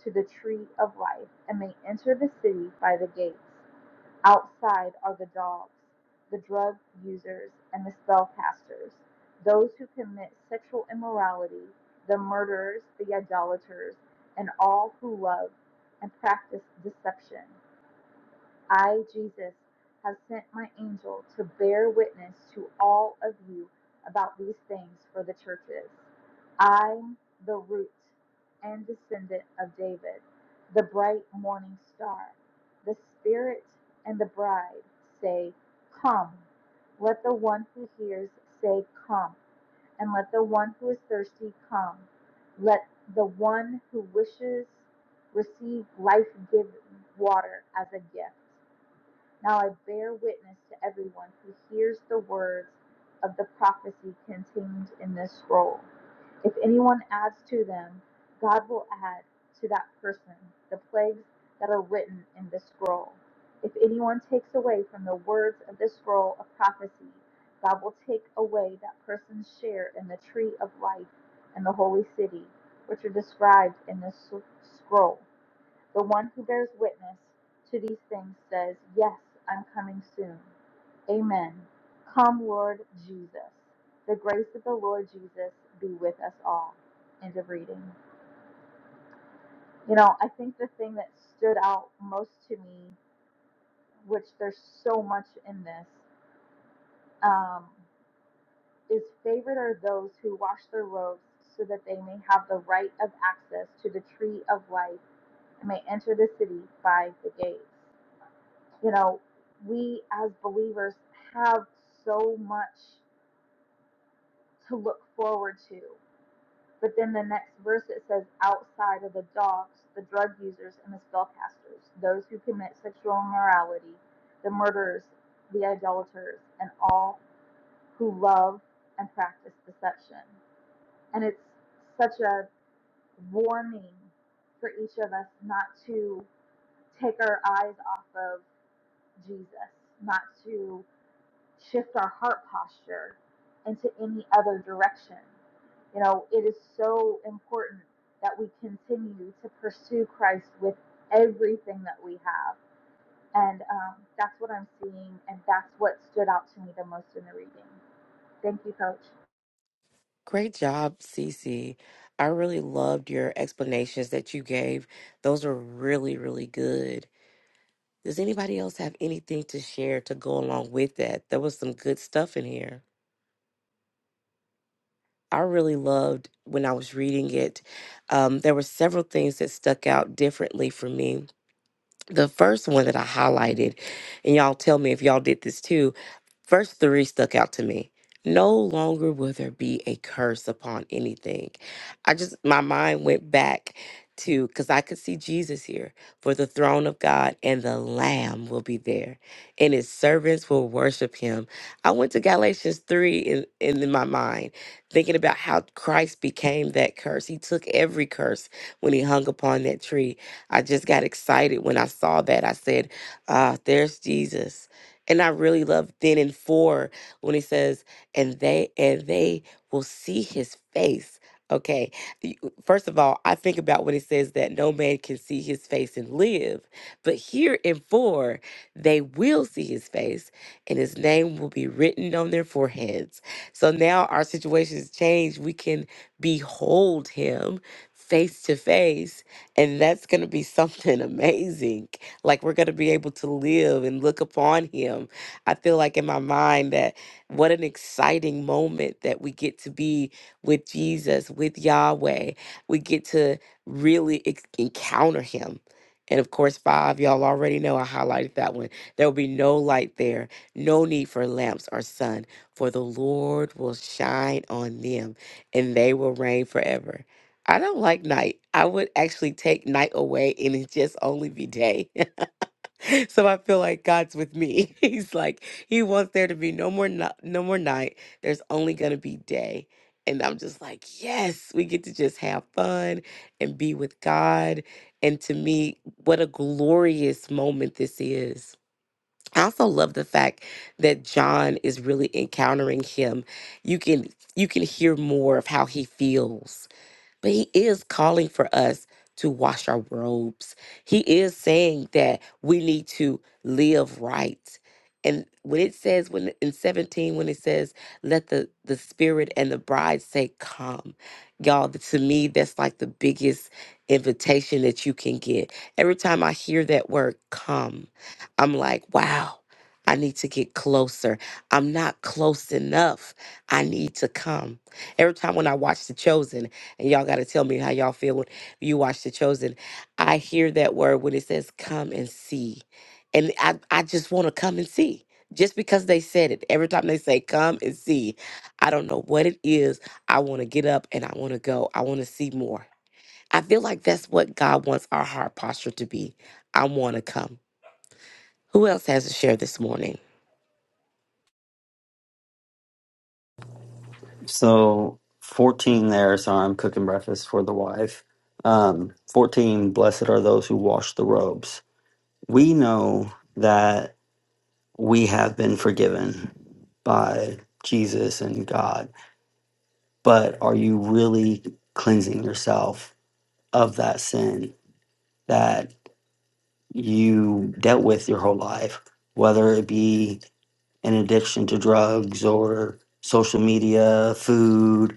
to the tree of life and may enter the city by the gates. Outside are the dogs, the drug users, and the spellcasters, those who commit sexual immorality, the murderers, the idolaters, and all who love and practice deception. I, Jesus, have sent my angel to bear witness to all of you about these things for the churches. I, the root and descendant of David, the bright morning star, the Spirit and the bride say, Come. Let the one who hears say, Come. And let the one who is thirsty come. Let the one who wishes receive life giving water as a gift. Now I bear witness to everyone who hears the words of the prophecy contained in this scroll. If anyone adds to them, God will add to that person the plagues that are written in this scroll. If anyone takes away from the words of this scroll of prophecy, God will take away that person's share in the tree of life and the holy city, which are described in this s- scroll the one who bears witness to these things says, Yes, I'm coming soon. Amen. Come, Lord Jesus. The grace of the Lord Jesus be with us all. End of reading. You know, I think the thing that stood out most to me, which there's so much in this, um, is favored are those who wash their robes so that they may have the right of access to the tree of life and may enter the city by the gates. You know, we as believers have so much to look forward to. But then the next verse it says, outside of the dogs, the drug users, and the spellcasters, those who commit sexual immorality, the murderers, the idolaters, and all who love and practice deception. And it's such a warning for each of us not to take our eyes off of Jesus, not to shift our heart posture into any other direction. You know, it is so important that we continue to pursue Christ with everything that we have. And um, that's what I'm seeing, and that's what stood out to me the most in the reading. Thank you, Coach. Great job, Cece. I really loved your explanations that you gave. Those are really, really good. Does anybody else have anything to share to go along with that? There was some good stuff in here. I really loved when I was reading it. Um, there were several things that stuck out differently for me. The first one that I highlighted, and y'all tell me if y'all did this too, Verse 3 stuck out to me. No longer will there be a curse upon anything. I just, my mind went back to, because I could see Jesus here, for the throne of God and the Lamb will be there, and his servants will worship him. I went to Galatians 3 in, in, in my mind, thinking about how Christ became that curse. He took every curse when he hung upon that tree. I just got excited when I saw that. I said, ah, there's Jesus and I really love then in four when he says, and they and they will see his face. Okay. You- First of all, I think about when he says that no man can see his face and live. But here in four, they will see his face and his name will be written on their foreheads. So now our situation has changed. We can behold him face to face, and that's going to be something amazing. Like we're going to be able to live and look upon him. I feel like in my mind that what an exciting moment that we get to be with Jesus, with Yahweh. We get to really ex- encounter him. And of course, five, y'all already know I highlighted that one. There will be no light there, no need for lamps or sun, for the Lord will shine on them and they will reign forever. I don't like night. I would actually take night away and it just only be day. So I feel like God's with me. He's like, He wants there to be no more no, no more night. There's only gonna be day. And I'm just like, yes, we get to just have fun and be with God. And to me, what a glorious moment this is. I also love the fact that John is really encountering him. You can you can hear more of how he feels but he is calling for us to wash our robes. He is saying that we need to live right. And when it says when in 17, when it says, let the, the spirit and the bride say, come. Y'all, th- to me, that's like the biggest invitation that you can get. Every time I hear that word come, I'm like, wow, I need to get closer. I'm not close enough. I need to come. Every time when I watch The Chosen, and y'all got to tell me how y'all feel when you watch The Chosen. I hear that word when it says, come and see. And I, I just want to come and see. Just because they said it, every time they say, come and see, I don't know what it is. I want to get up and I want to go. I want to see more. I feel like that's what God wants our heart posture to be. I want to come. Who else has a share this morning? So 14 there, Sorry, I'm cooking breakfast for the wife. Um, 14, blessed are those who wash the robes. We know that we have been forgiven by Jesus and God, but are you really cleansing yourself of that sin that you dealt with your whole life, whether it be an addiction to drugs or social media, food,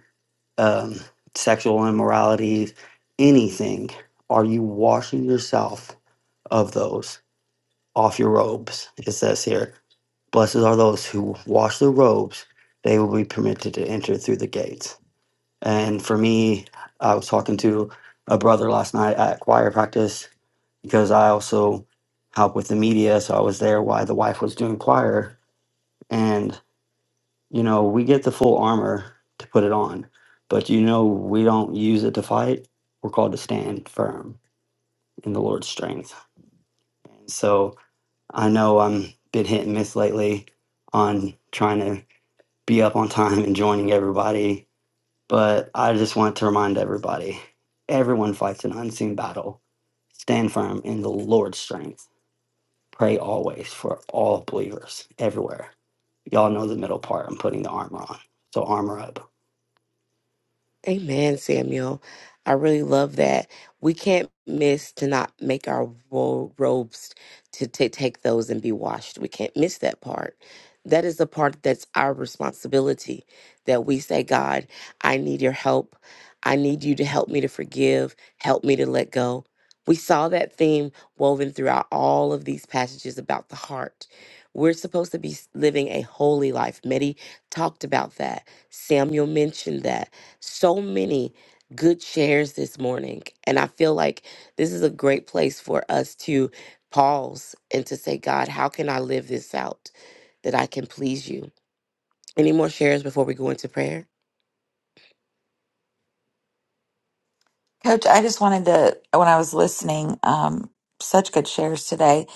um, sexual immorality, anything, are you washing yourself of those off your robes? It says here, Blessed are those who wash their robes, they will be permitted to enter through the gates. And for me, I was talking to a brother last night at choir practice because I also help with the media. So I was there while the wife was doing choir. and. You know, we get the full armor to put it on, but you know, we don't use it to fight. We're called to stand firm in the Lord's strength. So I know I'm been hit and miss lately on trying to be up on time and joining everybody, but I just want to remind everybody everyone fights an unseen battle. Stand firm in the Lord's strength. Pray always for all believers everywhere. Y'all know the middle part. I'm putting the armor on. So armor up. Amen, Samuel. I really love that. We can't miss to not make our ro- robes to ta- take those and be washed. We can't miss that part. That is the part that's our responsibility that we say, God, I need your help. I need you to help me to forgive, help me to let go. We saw that theme woven throughout all of these passages about the heart. We're supposed to be s- living a holy life. Medi talked about that. Samuel mentioned that so many good shares this morning. And I feel like this is a great place for us to pause and to say, God, how can I live this out that I can please you? Any more shares before we go into prayer? Coach, I just wanted to, when I was listening, um, such good shares today.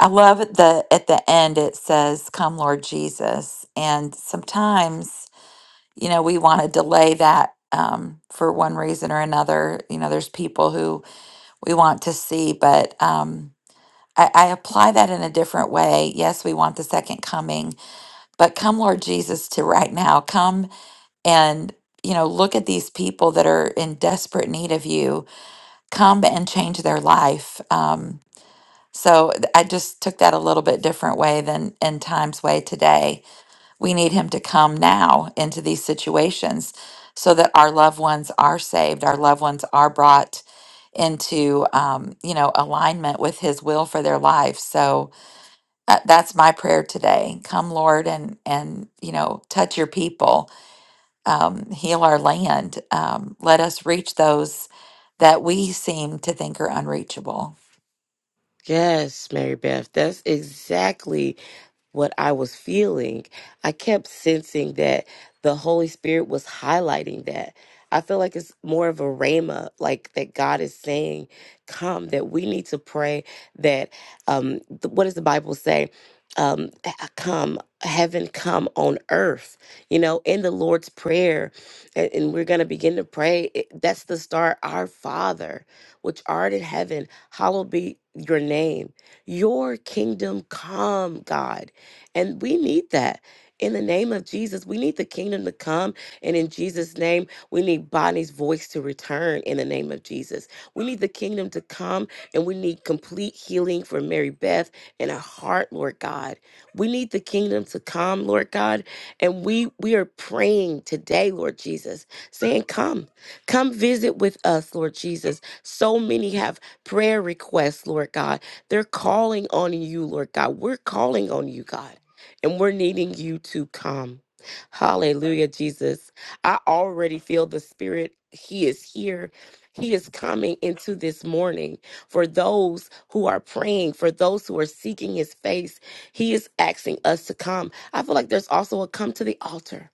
I love the at the end it says, Come, Lord Jesus. And sometimes you know, we want to delay that um, for one reason or another. You know, there's people who we want to see, but um, I, I apply that in a different way. Yes, we want the second coming, but come, Lord Jesus, to right now. Come and you know, look at these people that are in desperate need of you. Come and change their life. Um, so th- I just took that a little bit different way than in Time's way today we need Him to come now into these situations so that our loved ones are saved, our loved ones are brought into, um, you know, alignment with His will for their life. So uh, that's my prayer today. Come, Lord, and and you know, touch Your people, um, heal our land. Um, let us reach those that we seem to think are unreachable. Yes, Mary Beth. That's exactly what I was feeling, I kept sensing that the Holy Spirit was highlighting that. I feel like it's more of a rhema, like that God is saying, come, that we need to pray that, um, th- what does the Bible say? Um, h- come, heaven come on earth, you know, in the Lord's Prayer. And, and we're going to begin to pray. It- that's the start. Our Father, which art in heaven, hallowed be your name. Your kingdom come, God and we need that. In the name of Jesus, we need the kingdom to come. And in Jesus' name, we need Bonnie's voice to return in the name of Jesus. We need the kingdom to come and we need complete healing for Mary Beth and her heart, Lord God. We need the kingdom to come, Lord God. And we we are praying today, Lord Jesus, saying, Come, come visit with us, Lord Jesus. So many have prayer requests, Lord God. They're calling on you, Lord God. We're calling on you, God and we're needing you to come. Hallelujah, Jesus. I already feel the Spirit. He is here. He is coming into this morning for those who are praying, for those who are seeking His face. He is asking us to come. I feel like there's also a come to the altar.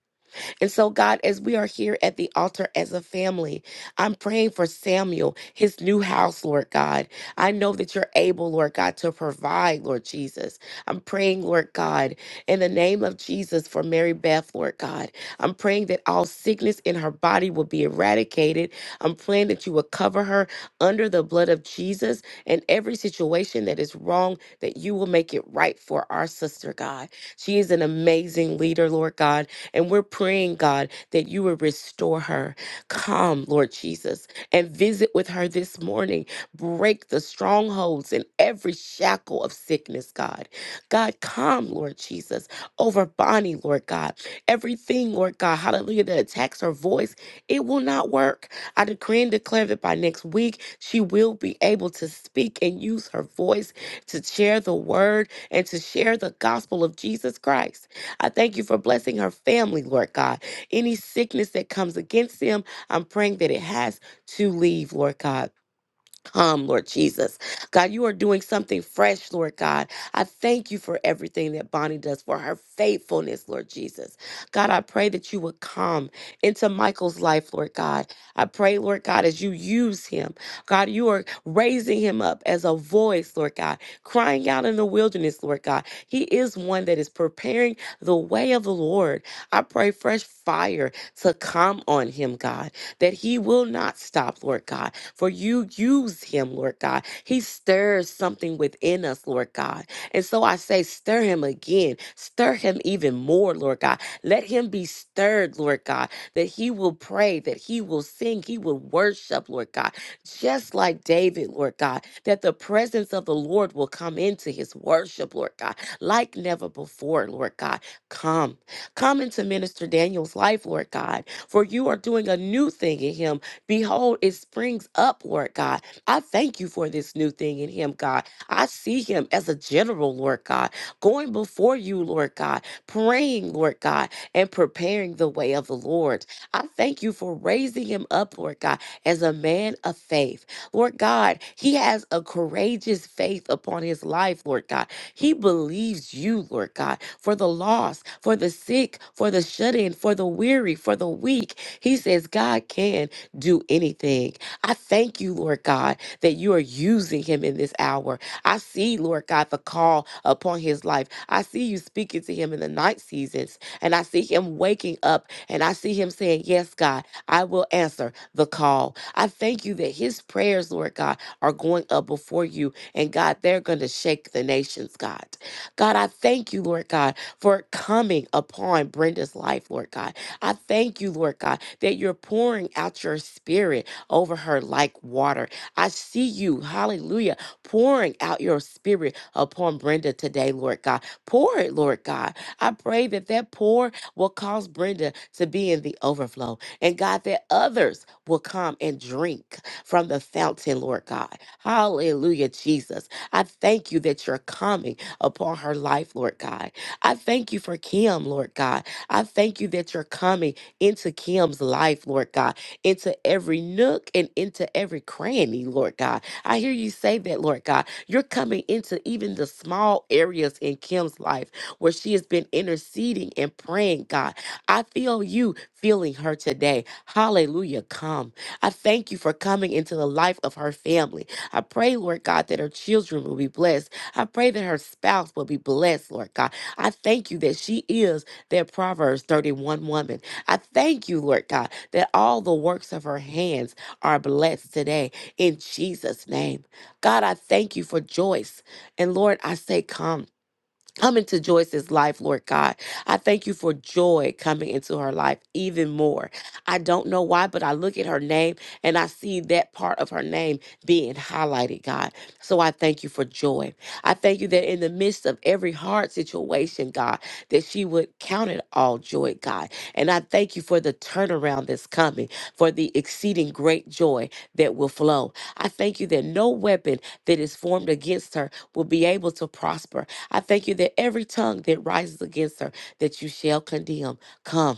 And so, God, as we are here at the altar as a family, I'm praying for Samuel, his new house, Lord God. I know that you're able, Lord God, to provide, Lord Jesus. I'm praying, Lord God, in the name of Jesus for Mary Beth, Lord God. I'm praying that all sickness in her body will be eradicated. I'm praying that you will cover her under the blood of Jesus and every situation that is wrong, that you will make it right for our sister, God. She is an amazing leader, Lord God. And we're praying, God, that you will restore her. Come, Lord Jesus, and visit with her this morning. Break the strongholds and every shackle of sickness, God. God, come, Lord Jesus, over Bonnie, Lord God. Everything, Lord God, hallelujah, that attacks her voice, it will not work. I decree and declare that by next week, she will be able to speak and use her voice to share the word and to share the gospel of Jesus Christ. I thank you for blessing her family, Lord God. Any sickness that comes against them, I'm praying that it has to leave, Lord God. Come, Lord Jesus. God, you are doing something fresh, Lord God. I thank you for everything that Bonnie does, for her faithfulness, Lord Jesus. God, I pray that you would come into Michael's life, Lord God. I pray, Lord God, as you use him, God, you are raising him up as a voice, Lord God, crying out in the wilderness, Lord God. He is one that is preparing the way of the Lord. I pray fresh fire to come on him, God, that he will not stop, Lord God for you use him, Lord God. He stirs something within us, Lord God. And so I say, stir him again, stir him even more, Lord God. Let him be stirred, Lord God, that he will pray, that he will sing, he will worship, Lord God, just like David, Lord God, that the presence of the Lord will come into his worship, Lord God, like never before, Lord God. Come, come into Minister Daniel's life, Lord God, for you are doing a new thing in him Behold, it springs upward, God. I thank you for this new thing in him, God. I see him as a general, Lord God, going before you, Lord God, praying, Lord God, and preparing the way of the Lord. I thank you for raising him up, Lord God, as a man of faith. Lord God, he has a courageous faith upon his life, Lord God. He believes you, Lord God, for the lost, for the sick, for the shut in, for the weary, for the weak. He says, God can do anything. I thank you, Lord God, that you are using him in this hour. I see, Lord God, the call upon his life. I see you speaking to him in the night seasons, and I see him waking up, and I see him saying, Yes, God, I will answer the call. I thank you that his prayers, Lord God, are going up before you, and God, they're going to shake the nations, God. God, I thank you, Lord God, for it coming upon Brenda's life, Lord God. I thank you, Lord God, that you're pouring out your spirit over her like water. I see you, hallelujah, pouring out your spirit upon Brenda today, Lord God. Pour it, Lord God. I pray that that pour will cause Brenda to be in the overflow. And God, that others will come and drink from the fountain, Lord God. Hallelujah, Jesus. I thank you that you're coming upon her life, Lord God. I thank you for Kim, Lord God. I thank you that you're coming into Kim's life, Lord God, into every nook and into every cranny, Lord God. I hear you say that, Lord God. You're coming into even the small areas in Kim's life where she has been interceding and praying, God. I feel you feeling her today. Hallelujah. Come. I thank you for coming into the life of her family. I pray, Lord God, that her children will be blessed. I pray that her spouse will be blessed, Lord God. I thank you that she is that Proverbs 31 woman. I thank you, Lord God, that all the works of her hands are blessed today in Jesus' name. God, I thank you for Joyce. And Lord, I say, come. Come into Joyce's life, Lord God. I thank you for joy coming into her life even more. I don't know why, but I look at her name and I see that part of her name being highlighted, God. So I thank you for joy. I thank you that in the midst of every hard situation, God, that she would count it all joy, God. And I thank you for the turnaround that's coming, for the exceeding great joy that will flow. I thank you that no weapon that is formed against her will be able to prosper I thank you that every tongue that rises against her, that you shall condemn. Come.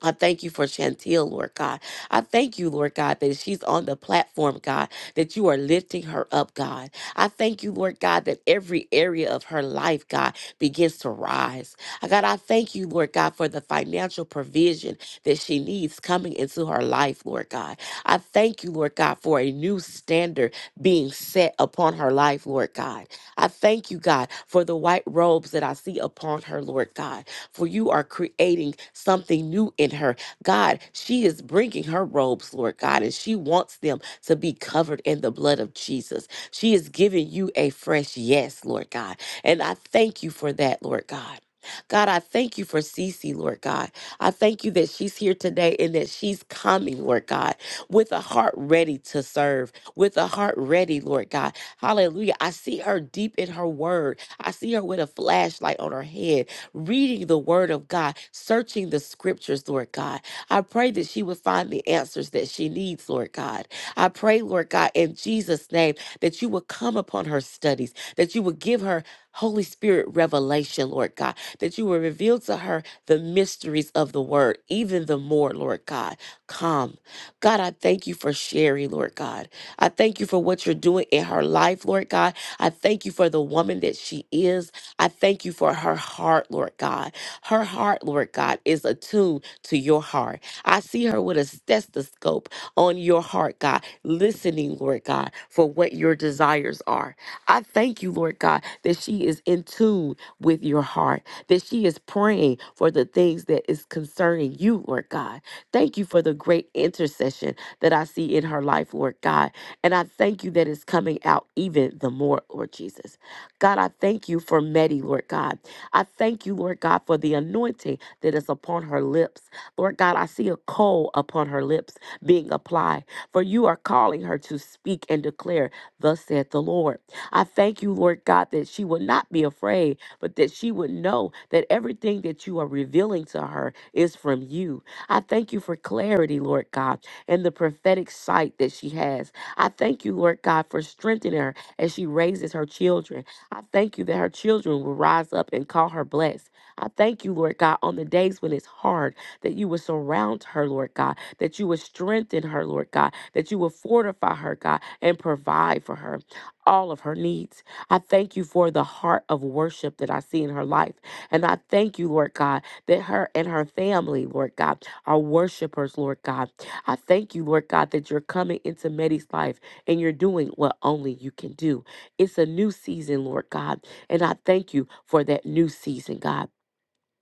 I thank you for Chantel, Lord God. I thank you, Lord God, that she's on the platform, God, that you are lifting her up, God. I thank you, Lord God, that every area of her life, God, begins to rise. Uh, God, I thank you, Lord God, for the financial provision that she needs coming into her life, Lord God. I thank you, Lord God, for a new standard being set upon her life, Lord God. I thank you, God, for the white robes that I see upon her, Lord God for you are creating something new in her. God, she is bringing her robes, Lord God, and she wants them to be covered in the blood of Jesus. She is giving you a fresh yes, Lord God. And I thank you for that, Lord God. God, I thank you for Cece, Lord God. I thank you that she's here today and that she's coming, Lord God, with a heart ready to serve, with a heart ready, Lord God. Hallelujah. I see her deep in her word. I see her with a flashlight on her head reading the word of God, searching the scriptures, Lord God. I pray that she would find the answers that she needs, Lord God. I pray, Lord God, in Jesus' name, that you would come upon her studies, that you would give her Holy Spirit revelation, Lord God, that you would reveal to her the mysteries of the word, even the more, Lord God. Come. God, I thank you for Sherry, Lord God. I thank you for what you're doing in her life, Lord God. I thank you for the woman that she is. I thank you for her heart, Lord God. Her heart, Lord God, is attuned to your heart. I see her with a stethoscope on your heart, God, listening, Lord God, for what your desires are. I thank you, Lord God, that she is in tune with your heart, that she is praying for the things that is concerning you, Lord God. Thank you for the great intercession that I see in her life, Lord God. And I thank you that it's coming out even the more, Lord Jesus. God, I thank you for Meddy, Lord God. I thank you, Lord God, for the anointing that is upon her lips. Lord God, I see a coal upon her lips being applied, for you are calling her to speak and declare, Thus saith the Lord. I thank you, Lord God, that she would not be afraid, but that she would know that everything that you are revealing to her is from you. I thank you for clarity, Lord God, and the prophetic sight that she has. I thank you, Lord God, for strengthening her as she raises her children. I thank you that her children will rise up and call her blessed. I thank you, Lord God, on the days when it's hard, that you will surround her, Lord God, that you will strengthen her, Lord God, that you will fortify her, God, and provide for her all of her needs. I thank you for the heart of worship that I see in her life. And I thank you, Lord God, that her and her family, Lord God, are worshipers, Lord God. I thank you, Lord God, that you're coming into Medi's life and you're doing what only you can do. It's a new season, Lord God. And I thank you for that new season, God.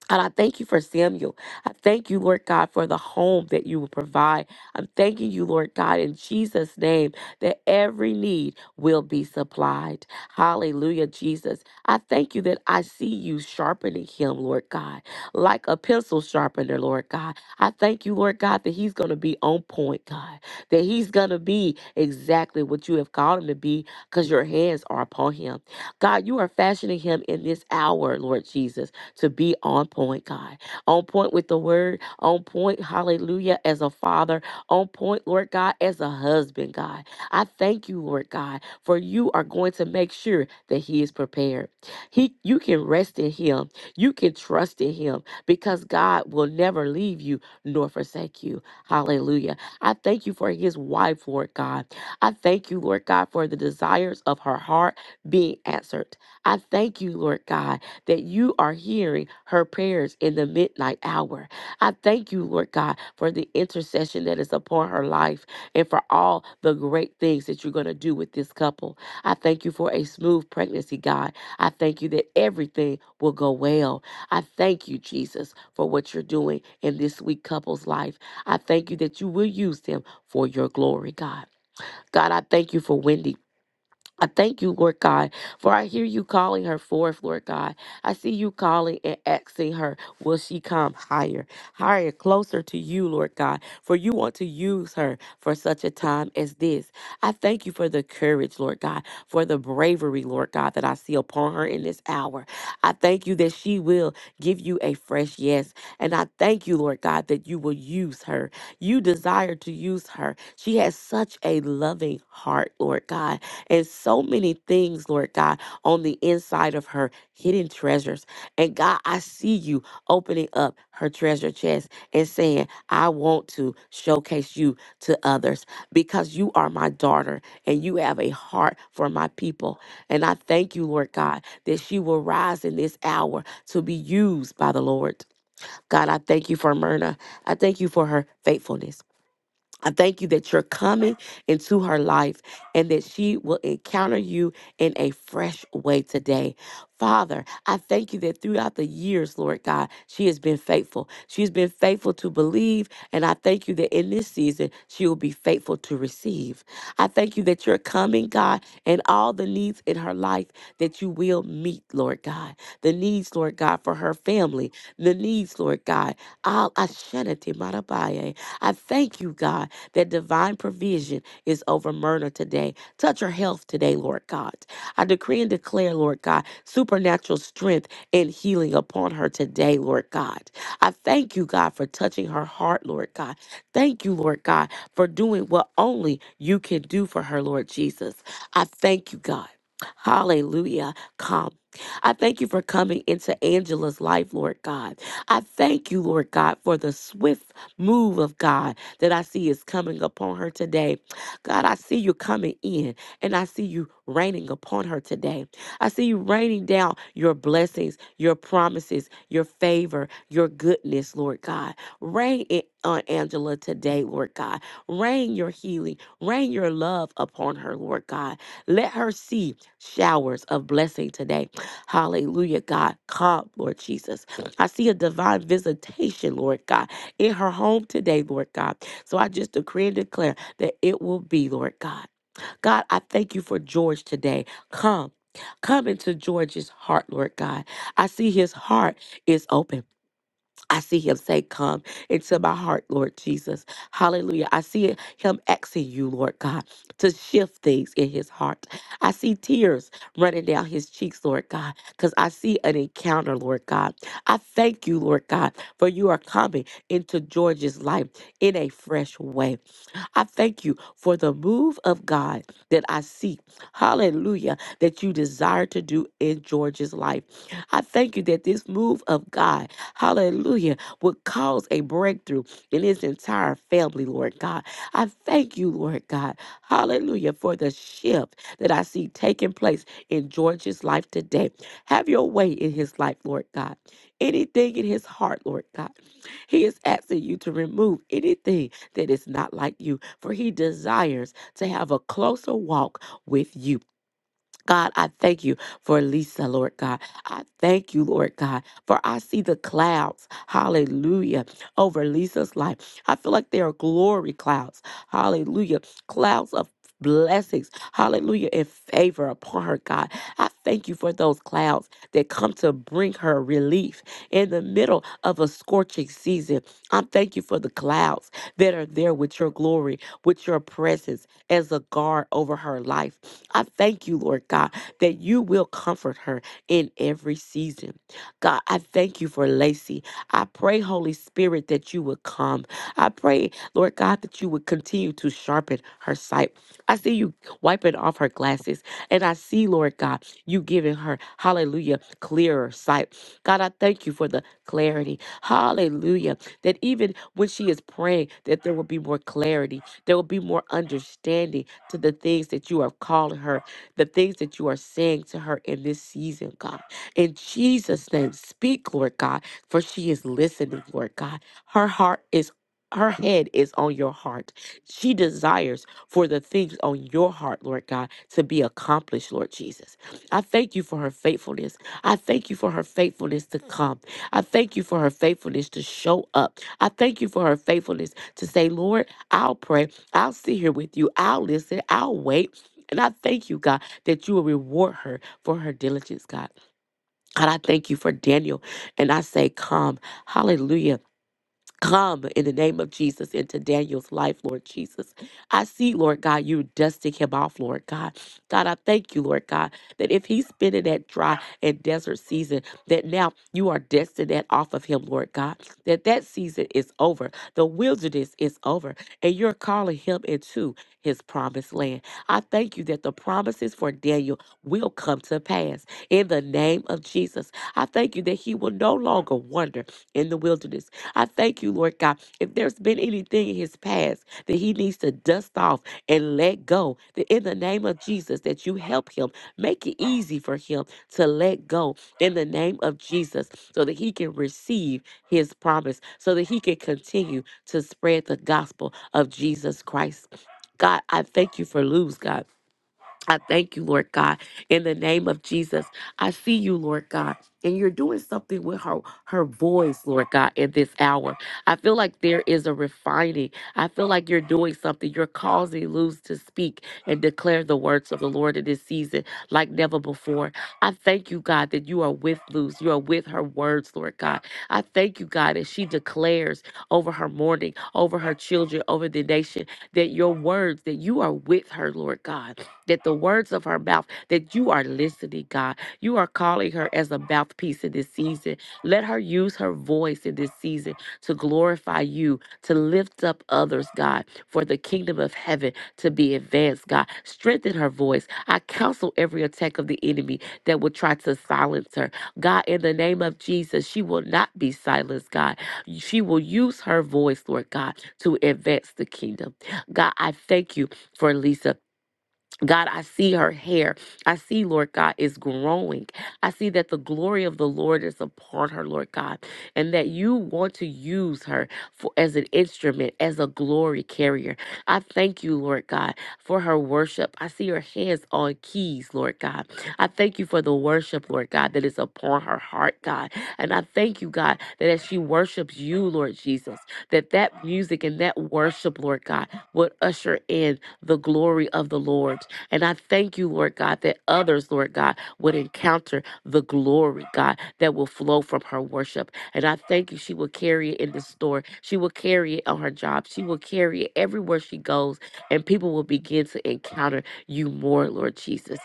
And I thank you for Samuel. I thank you, Lord God, for the home that you will provide. I'm thanking you, Lord God, in Jesus' name, that every need will be supplied. Hallelujah, Jesus. I thank you that I see you sharpening him, Lord God, like a pencil sharpener, Lord God. I thank you, Lord God, that he's going to be on point, God, that he's going to be exactly what you have called him to be because your hands are upon him. God, you are fashioning him in this hour, Lord Jesus to be on point, God. On point with the word, on point, hallelujah, as a father, on point, Lord God, as a husband, God. I thank you, Lord God, for you are going to make sure that he is prepared. He you can rest in him. You can trust in him because God will never leave you nor forsake you. Hallelujah. I thank you for his wife, Lord God. I thank you, Lord God, for the desires of her heart being answered. I thank you, Lord God, that you are hearing her prayers in the midnight hour. I thank you, Lord God, for the intercession that is upon her life and for all the great things that you're going to do with this couple. I thank you for a smooth pregnancy, God. I thank you that everything will go well. I thank you, Jesus, for what you're doing in this sweet couple's life. I thank you that you will use them for your glory, God. God, I thank you for Wendy. I thank you, Lord God, for I hear you calling her forth, Lord God. I see you calling and asking her, will she come higher, higher, closer to you, Lord God, for you want to use her for such a time as this. I thank you for the courage, Lord God, for the bravery, Lord God, that I see upon her in this hour. I thank you that she will give you a fresh yes. And I thank you, Lord God, that you will use her. You desire to use her. She has such a loving heart, Lord God and so many things, Lord God, on the inside of her, hidden treasures. And God, I see you opening up her treasure chest and saying, I want to showcase you to others because you are my daughter and you have a heart for my people. And I thank you, Lord God, that she will rise in this hour to be used by the Lord. God, I thank you for Myrna. I thank you for her faithfulness. I thank you that you're coming into her life and that she will encounter you in a fresh way today. Father, I thank you that throughout the years, Lord God, she has been faithful. She's been faithful to believe, and I thank you that in this season, she will be faithful to receive. I thank you that you're coming, God, and all the needs in her life that you will meet, Lord God. The needs, Lord God, for her family, the needs, Lord God. Al Ashanati Marabaye. I thank you, God that divine provision is over Myrna today. Touch her health today, Lord God. I decree and declare, Lord God, supernatural strength and healing upon her today, Lord God. I thank you, God, for touching her heart, Lord God. Thank you, Lord God, for doing what only you can do for her, Lord Jesus. I thank you, God. Hallelujah. Come. I thank you for coming into Angela's life, Lord God. I thank you, Lord God, for the swift move of God that I see is coming upon her today. God, I see you coming in and I see you raining upon her today. I see you raining down your blessings, your promises, your favor, your goodness, Lord God. Rain it on Angela today, Lord God. Rain your healing, rain your love upon her, Lord God. Let her see showers of blessing today. Hallelujah, God. Come, Lord Jesus. I see a divine visitation, Lord God, in her home today, Lord God. So I just decree and declare that it will be, Lord God. God, I thank you for George today. Come. Come into George's heart, Lord God. I see his heart is open. I see him say, Come into my heart, Lord Jesus. Hallelujah. I see it- him asking you, Lord God, to shift things in his heart. I see tears running down his cheeks, Lord God, because I see an encounter, Lord God. I thank you, Lord God, for you are coming into George's life in a fresh way. I thank you for the move of God that I see. Hallelujah. That you desire to do in George's life. I thank you that this move of God, hallelujah, would cause a breakthrough in his entire family, Lord God. I thank you, Lord God, hallelujah, for the shift that I see taking place in George's life today. Have your way in his life, Lord God. Anything in his heart, Lord God. He is asking you to remove anything that is not like you, for he desires to have a closer walk with you. God, I thank you for Lisa, Lord God. I thank you, Lord God, for I see the clouds, hallelujah, over Lisa's life. I feel like they are glory clouds, hallelujah, clouds of blessings, hallelujah, and favor upon her, God. I thank you for those clouds that come to bring her relief in the middle of a scorching season. I thank you for the clouds that are there with your glory, with your presence as a guard over her life. I thank you, Lord God, that you will comfort her in every season. God, I thank you for Lacey. I pray, Holy Spirit, that you would come. I pray, Lord God, that you would continue to sharpen her sight. I see you wiping off her glasses, and I see, Lord God, you giving her, hallelujah, clearer sight. God, I thank you for the clarity. Hallelujah. That even when she is praying, that there will be more clarity there will be more understanding to the things that you are calling her, the things that you are saying to her in this season, God. In Jesus' name, speak, Lord God, for she is listening, Lord God. Her heart is. Her head is on your heart. She desires for the things on your heart, Lord God, to be accomplished, Lord Jesus. I thank you for her faithfulness. I thank you for her faithfulness to come. I thank you for her faithfulness to show up. I thank you for her faithfulness to say, Lord, I'll pray I'll sit here with you. I'll listen. I'll wait. And I thank you, God, that you will reward her for her diligence, God. God, I thank you for Daniel. And I say, come. Hallelujah Come in the name of Jesus into Daniel's life, Lord Jesus. I see, Lord God, you dusting him off, Lord God. God, I thank you, Lord God, that if he's been in that dry and desert season, that now you are dusting that off of him, Lord God. That that season is over. The wilderness is over, and you're calling him into his promised land. I thank you that the promises for Daniel will come to pass in the name of Jesus. I thank you that he will no longer wander in the wilderness I thank you, Lord God. If there's been anything in his past that he needs to dust off and let go, that in the name of Jesus, that you help him, make it easy for him to let go in the name of Jesus so that he can receive his promise, so that he can continue to spread the gospel of Jesus Christ. God, I thank you for Luz, God. I thank you, Lord God, in the name of Jesus. I see you, Lord God, and you're doing something with her her voice, Lord God, in this hour. I feel like there is a refining. I feel like you're doing something. You're causing Luz to speak and declare the words of the Lord in this season like never before. I thank you, God, that you are with Luz. You are with her words, Lord God. I thank you, God, as she declares over her morning, over her children, over the nation, that your words, that you are with her, Lord God that the words of her mouth, that you are listening, God. You are calling her as a mouthpiece in this season. Let her use her voice in this season to glorify you, to lift up others, God, for the kingdom of heaven to be advanced, God. Strengthen her voice. I counsel every attack of the enemy that would try to silence her. God, in the name of Jesus, she will not be silenced, God. She will use her voice, Lord God, to advance the kingdom. God, I thank you for Lisa. God, I see her hair. I see, Lord God, is growing. I see that the glory of the Lord is upon her, Lord God, and that you want to use her for, as an instrument, as a glory carrier. I thank you, Lord God, for her worship. I see her hands on keys, Lord God. I thank you for the worship, Lord God, that is upon her heart, God. And I thank you, God, that as she worships you, Lord Jesus, that that music and that worship, Lord God, would usher in the glory of the Lord. And I thank you, Lord God, that others, Lord God, would encounter the glory, God, that will flow from her worship. And I thank you, she will carry it in the store. She will carry it on her job. She will carry it everywhere she goes. And people will begin to encounter you more, Lord Jesus.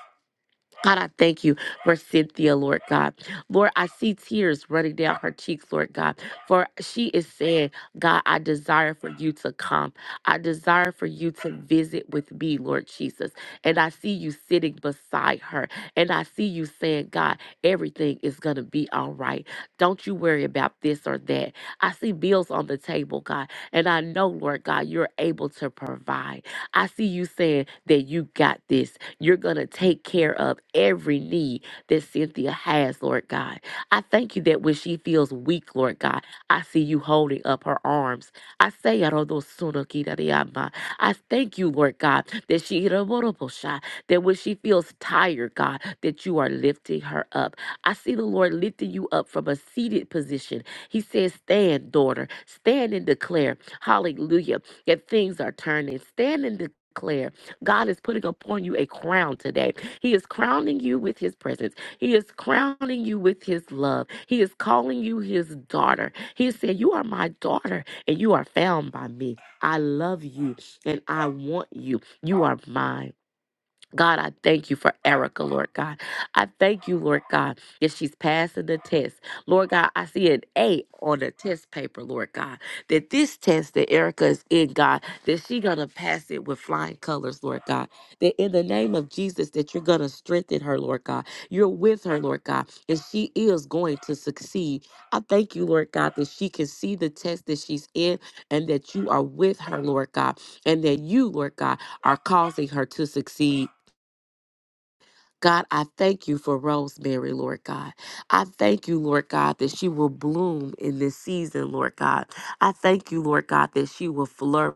God, I thank you for Cynthia, Lord God. Lord, I see tears running down her cheeks, Lord God, for she is saying, God, I desire for you to come. I desire for you to visit with me, Lord Jesus. And I see you sitting beside her. And I see you saying, God, everything is going to be all right. Don't you worry about this or that. I see bills on the table, God. And I know, Lord God, you're able to provide. I see you saying that you got this you're going to take care of every need that Cynthia has, Lord God. I thank you that when she feels weak, Lord God, I see you holding up her arms. I say, I don't know, sooner, Kida de Ama. I thank you, Lord God, that she that when she feels tired, God, that you are lifting her up. I see the Lord lifting you up from a seated position. He says, Stand, daughter, stand and declare, hallelujah, that things are turning. Stand and declare God is putting upon you a crown today. He is crowning you with his presence. He is crowning you with his love. He is calling you his daughter. He is saying, You are my daughter, and you are found by me. I love you, and I want you. You are mine. God, I thank you for Erica, Lord God. I thank you, Lord God, that she's passing the test. Lord God, I see an A on the test paper, Lord God. That this test that Erica is in, God, that she gonna pass it with flying colors, Lord God. That in the name of Jesus, that you're gonna strengthen her, Lord God. You're with her, Lord God, and she is going to succeed. I thank you, Lord God, that she can see the test that she's in and that you are with her, Lord God, and that you, Lord God, are causing her to succeed. God, I thank you for Rosemary, Lord God. I thank you, Lord God, that she will bloom in this season, Lord God. I thank you, Lord God, that she will flourish.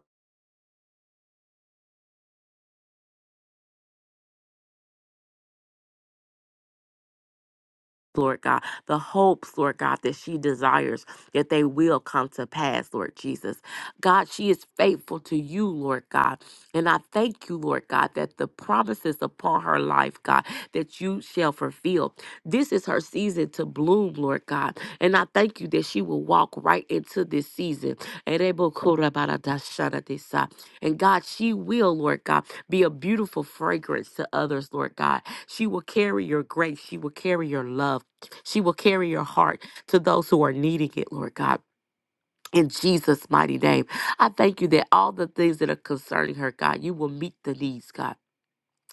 Lord God, the hopes, Lord God, that she desires that they will come to pass, Lord Jesus. God, she is faithful to you, Lord God. And I thank you, Lord God, that the promises upon her life, God, that you shall fulfill. This is her season to bloom, Lord God. And I thank you that she will walk right into this season. And God, she will, Lord God, be a beautiful fragrance to others, Lord God. She will carry your grace. She will carry your love. She will carry your heart to those who are needing it, Lord God. In Jesus' mighty name, I thank you that all the things that are concerning her, God, you will meet the needs, God.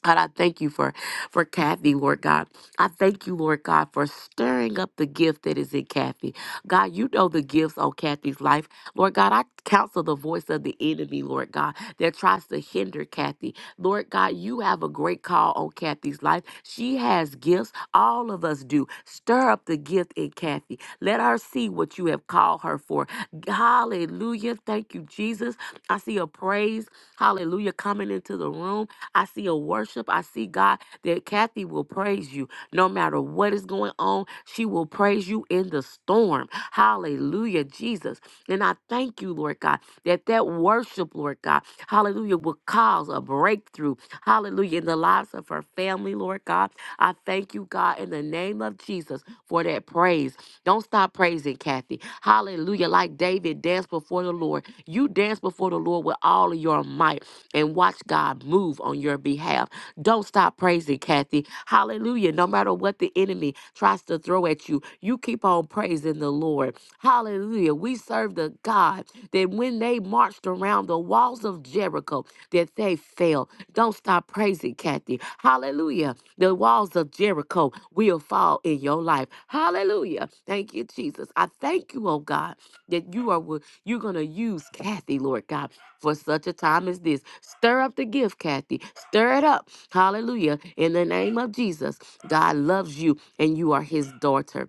God, I thank you for for Kathy, Lord God. I thank you, Lord God, for stirring up the gift that is in Kathy. God, you know the gifts on Kathy's life. Lord God, I counsel the voice of the enemy, Lord God, that tries to hinder Kathy. Lord God, you have a great call on Kathy's life. She has gifts. All of us do. Stir up the gift in Kathy. Let her see what you have called her for. Hallelujah. Thank you, Jesus. I see a praise. Hallelujah. Coming into the room. I see a worship. I see God that Kathy will praise you no matter what is going on. She will praise you in the storm. Hallelujah, Jesus. And I thank you, Lord God, that that worship, Lord God, hallelujah, will cause a breakthrough. Hallelujah, in the lives of her family, Lord God. I thank you, God, in the name of Jesus for that praise. Don't stop praising, Kathy. Hallelujah. Like David danced before the Lord. You dance before the Lord with all of your might and watch God move on your behalf. Don't stop praising, Kathy. Hallelujah. No matter what the enemy tries to throw at you, you keep on praising the Lord. Hallelujah. We serve the God that when they marched around the walls of Jericho, that they fell. Don't stop praising, Kathy. Hallelujah. The walls of Jericho will fall in your life. Hallelujah. Thank you, Jesus. I thank you, oh God, that you are wi- you're gonna use Kathy, Lord God for such a time as this. Stir up the gift, Kathy. Stir it up. Hallelujah. In the name of Jesus, God loves you and you are his daughter.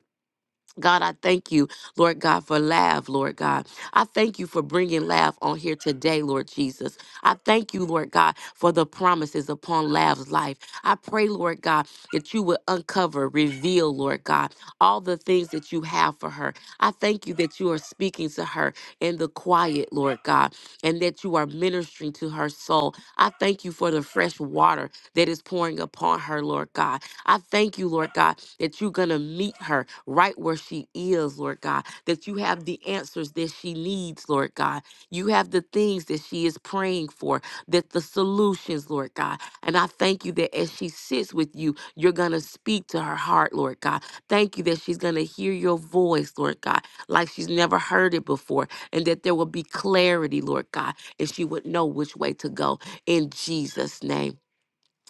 God, I thank you, Lord God, for Lav. Lord God. I thank you for bringing Lav on here today, Lord Jesus. I thank you, Lord God, for the promises upon Lav's life. I pray, Lord God, that you would uncover, reveal, Lord God, all the things that you have for her. I thank you that you are speaking to her in the quiet, Lord God, and that you are ministering to her soul. I thank you for the fresh water that is pouring upon her, Lord God. I thank you, Lord God, that you're going to meet her right where she is, Lord God, that you have the answers that she needs, Lord God. You have the things that she is praying for, that the solutions, Lord God. And I thank you that as she sits with you, you're going to speak to her heart, Lord God. Thank you that she's going to hear your voice, Lord God, like she's never heard it before, and that there will be clarity, Lord God, and she would know which way to go in Jesus' name.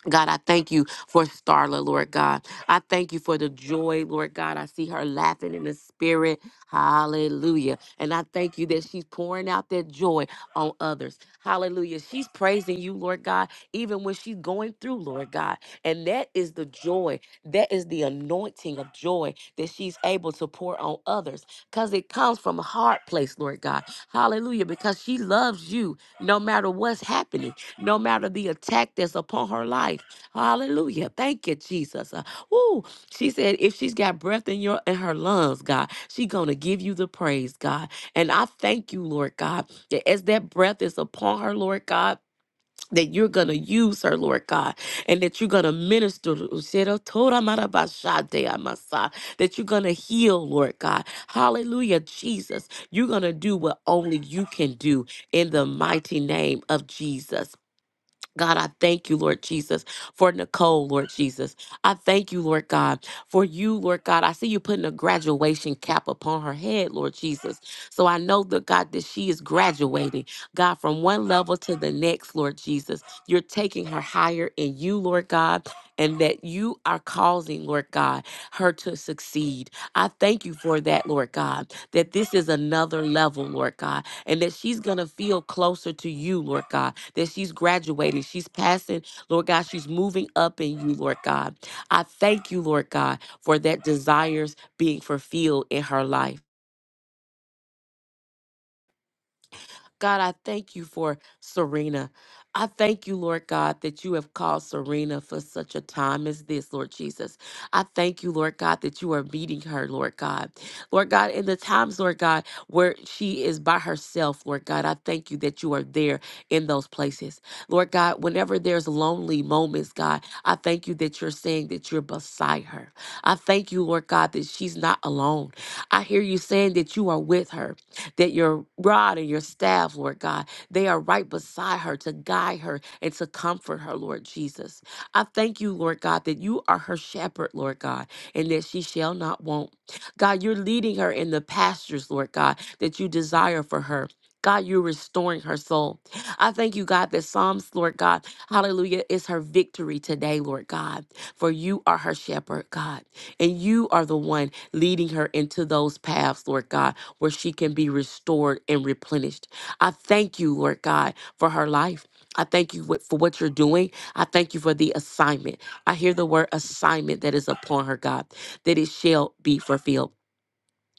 God, I thank you for Starla, Lord God. I thank you for the joy, Lord God. I see her laughing in the spirit. Hallelujah. And I thank you that she's pouring out that joy on others. Hallelujah. She's praising you, Lord God, even when she's going through, Lord God. And that is the joy. That is the anointing of joy that she's able to pour on others because it comes from a heart place, Lord God. Hallelujah. Because she loves you no matter what's happening no matter the attack that's upon her life. Hallelujah. Thank you, Jesus. Uh, Ooh, she said if she's got breath in your in her lungs, God, she gonna give you the praise, God. And I thank you, Lord God, that as that breath is upon her, Lord God. That you're gonna use her, Lord God, and that you're gonna minister. That you're gonna heal, Lord God. Hallelujah, Jesus. You're gonna do what only you can do in the mighty name of Jesus. God, I thank you, Lord Jesus, for Nicole, Lord Jesus. I thank you, Lord God, for you, Lord God. I see you putting a graduation cap upon her head, Lord Jesus. So I know that, God, that she is graduating, God, from one level to the next, Lord Jesus. You're taking her higher in you, Lord God, and that you are causing, Lord God, her to succeed. I thank you for that, Lord God, that this is another level, Lord God, and that she's going to feel closer to you, Lord God that she's graduating, she's passing, Lord God, she's moving up in you, Lord God. I thank you, Lord God, for that desires being fulfilled in her life. God, I thank you for Serena. I thank you, Lord God, that you have called Serena for such a time as this, Lord Jesus. I thank you, Lord God, that you are meeting her, Lord God. Lord God, in the times, Lord God, where she is by herself, Lord God, I thank you that you are there in those places. Lord God, whenever there's lonely moments, God, I thank you that you're saying that you're beside her. I thank you, Lord God, that she's not alone. I hear you saying that you are with her that your rod and your staff, Lord God, they are right beside her to guide her and to comfort her, Lord Jesus. I thank you, Lord God, that you are her shepherd, Lord God, and that she shall not want. God, you're leading her in the pastures, Lord God, that you desire for her. God, you're restoring her soul. I thank you, God, that Psalms, Lord God, hallelujah, is her victory today, Lord God. For you are her shepherd, God, and you are the one leading her into those paths, Lord God where she can be restored and replenished. I thank you, Lord God, for her life. I thank you wh- for what you're doing. I thank you for the assignment. I hear the word assignment that is upon her, God, that it shall be fulfilled.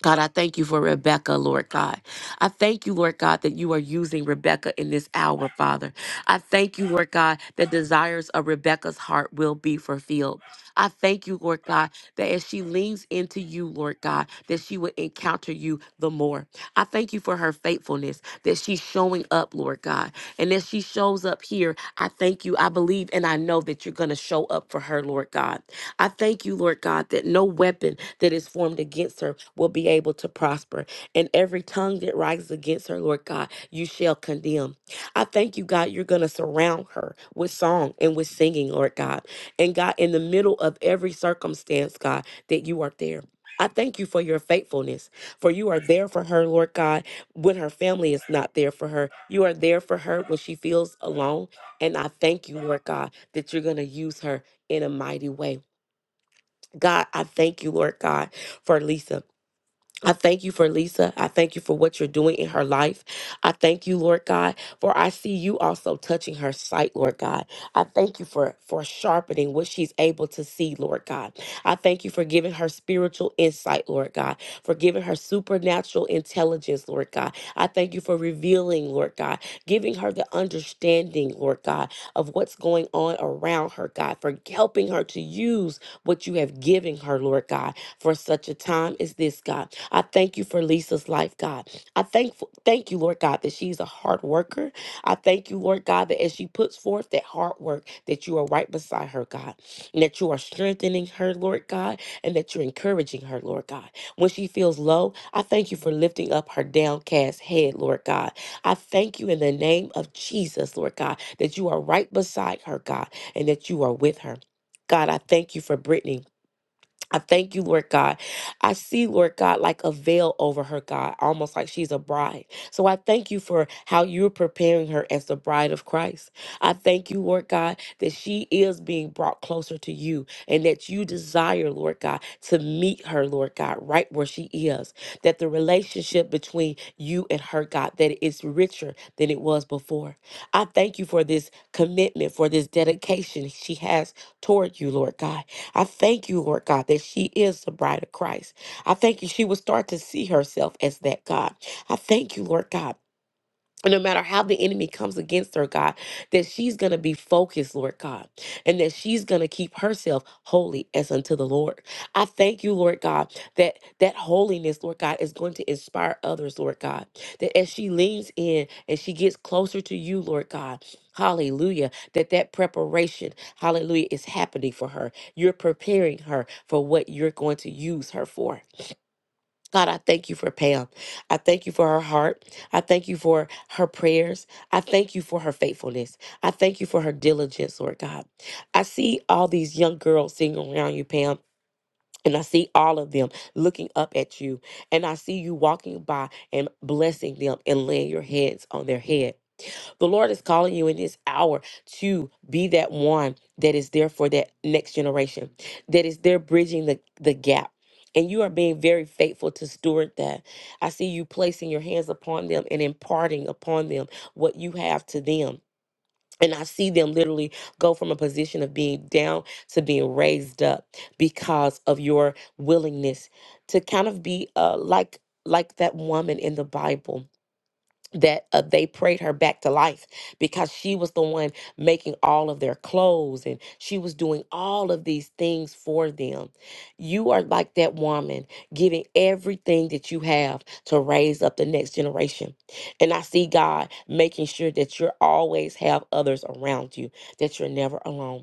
God, I thank you for Rebecca, Lord God. I thank you, Lord God, that you are using Rebecca in this hour, Father. I thank you, Lord God, that desires of Rebecca's heart will be fulfilled. I thank you, Lord God, that as she leans into you, Lord God, that she will encounter you the more. I thank you for her faithfulness, that she's showing up, Lord God. And as she shows up here, I thank you. I believe and I know that you're going to show up for her, Lord God. I thank you, Lord God, that no weapon that is formed against her will be able to prosper. And every tongue that rises against her, Lord God, you shall condemn. I thank you, God, you're going to surround her with song and with singing, Lord God. And God, in the middle of every circumstance, God, that you are there. I thank you for your faithfulness, for you are there for her, Lord God, when her family is not there for her. You are there for her when she feels alone. And I thank you, Lord God, that you're going to use her in a mighty way. God, I thank you, Lord God, for Lisa. I thank you for Lisa. I thank you for what you're doing in her life. I thank you, Lord God, for I see you also touching her sight, Lord God. I thank you for for sharpening what she's able to see, Lord God. I thank you for giving her spiritual insight, Lord God, for giving her supernatural intelligence, Lord God. I thank you for revealing, Lord God, giving her the understanding, Lord God, of what's going on around her, God, for helping her to use what you have given her, Lord God, for such a time as this, God. I thank you for Lisa's life, God. I thank thank you, Lord God, that she's a hard worker. I thank you, Lord God, that as she puts forth that hard work, that you are right beside her, God, and that you are strengthening her, Lord God, and that you're encouraging her, Lord God. When she feels low, I thank you for lifting up her downcast head, Lord God. I thank you in the name of Jesus, Lord God, that you are right beside her, God, and that you are with her. God, I thank you for Brittany. I thank you, Lord God. I see, Lord God, like a veil over her, God, almost like she's a bride. So I thank you for how you're preparing her as the bride of Christ. I thank you, Lord God, that she is being brought closer to you and that you desire, Lord God, to meet her, Lord God, right where she is. That the relationship between you and her, God, that it is richer than it was before. I thank you for this commitment, for this dedication she has toward you, Lord God. I thank you, Lord God, that she is the bride of Christ. I thank you she will start to see herself as that God. I thank you, Lord God, no matter how the enemy comes against her, God, that she's going to be focused, Lord God, and that she's going to keep herself holy as unto the Lord. I thank you, Lord God, that that holiness, Lord God, is going to inspire others, Lord God, that as she leans in and she gets closer to you, Lord God, hallelujah, that that preparation, hallelujah, is happening for her. You're preparing her for what you're going to use her for. God, I thank you for Pam. I thank you for her heart. I thank you for her prayers. I thank you for her faithfulness. I thank you for her diligence, Lord God. I see all these young girls sitting around you, Pam. And I see all of them looking up at you. And I see you walking by and blessing them and laying your hands on their head. The Lord is calling you in this hour to be that one that is there for that next generation, that is there bridging the, the gap. And you are being very faithful to steward that. I see you placing your hands upon them and imparting upon them what you have to them. And I see them literally go from a position of being down to being raised up because of your willingness to kind of be uh, like like that woman in the Bible that uh, they prayed her back to life because she was the one making all of their clothes and she was doing all of these things for them. You are like that woman, giving everything that you have to raise up the next generation. And I see God making sure that you always have others around you, that you're never alone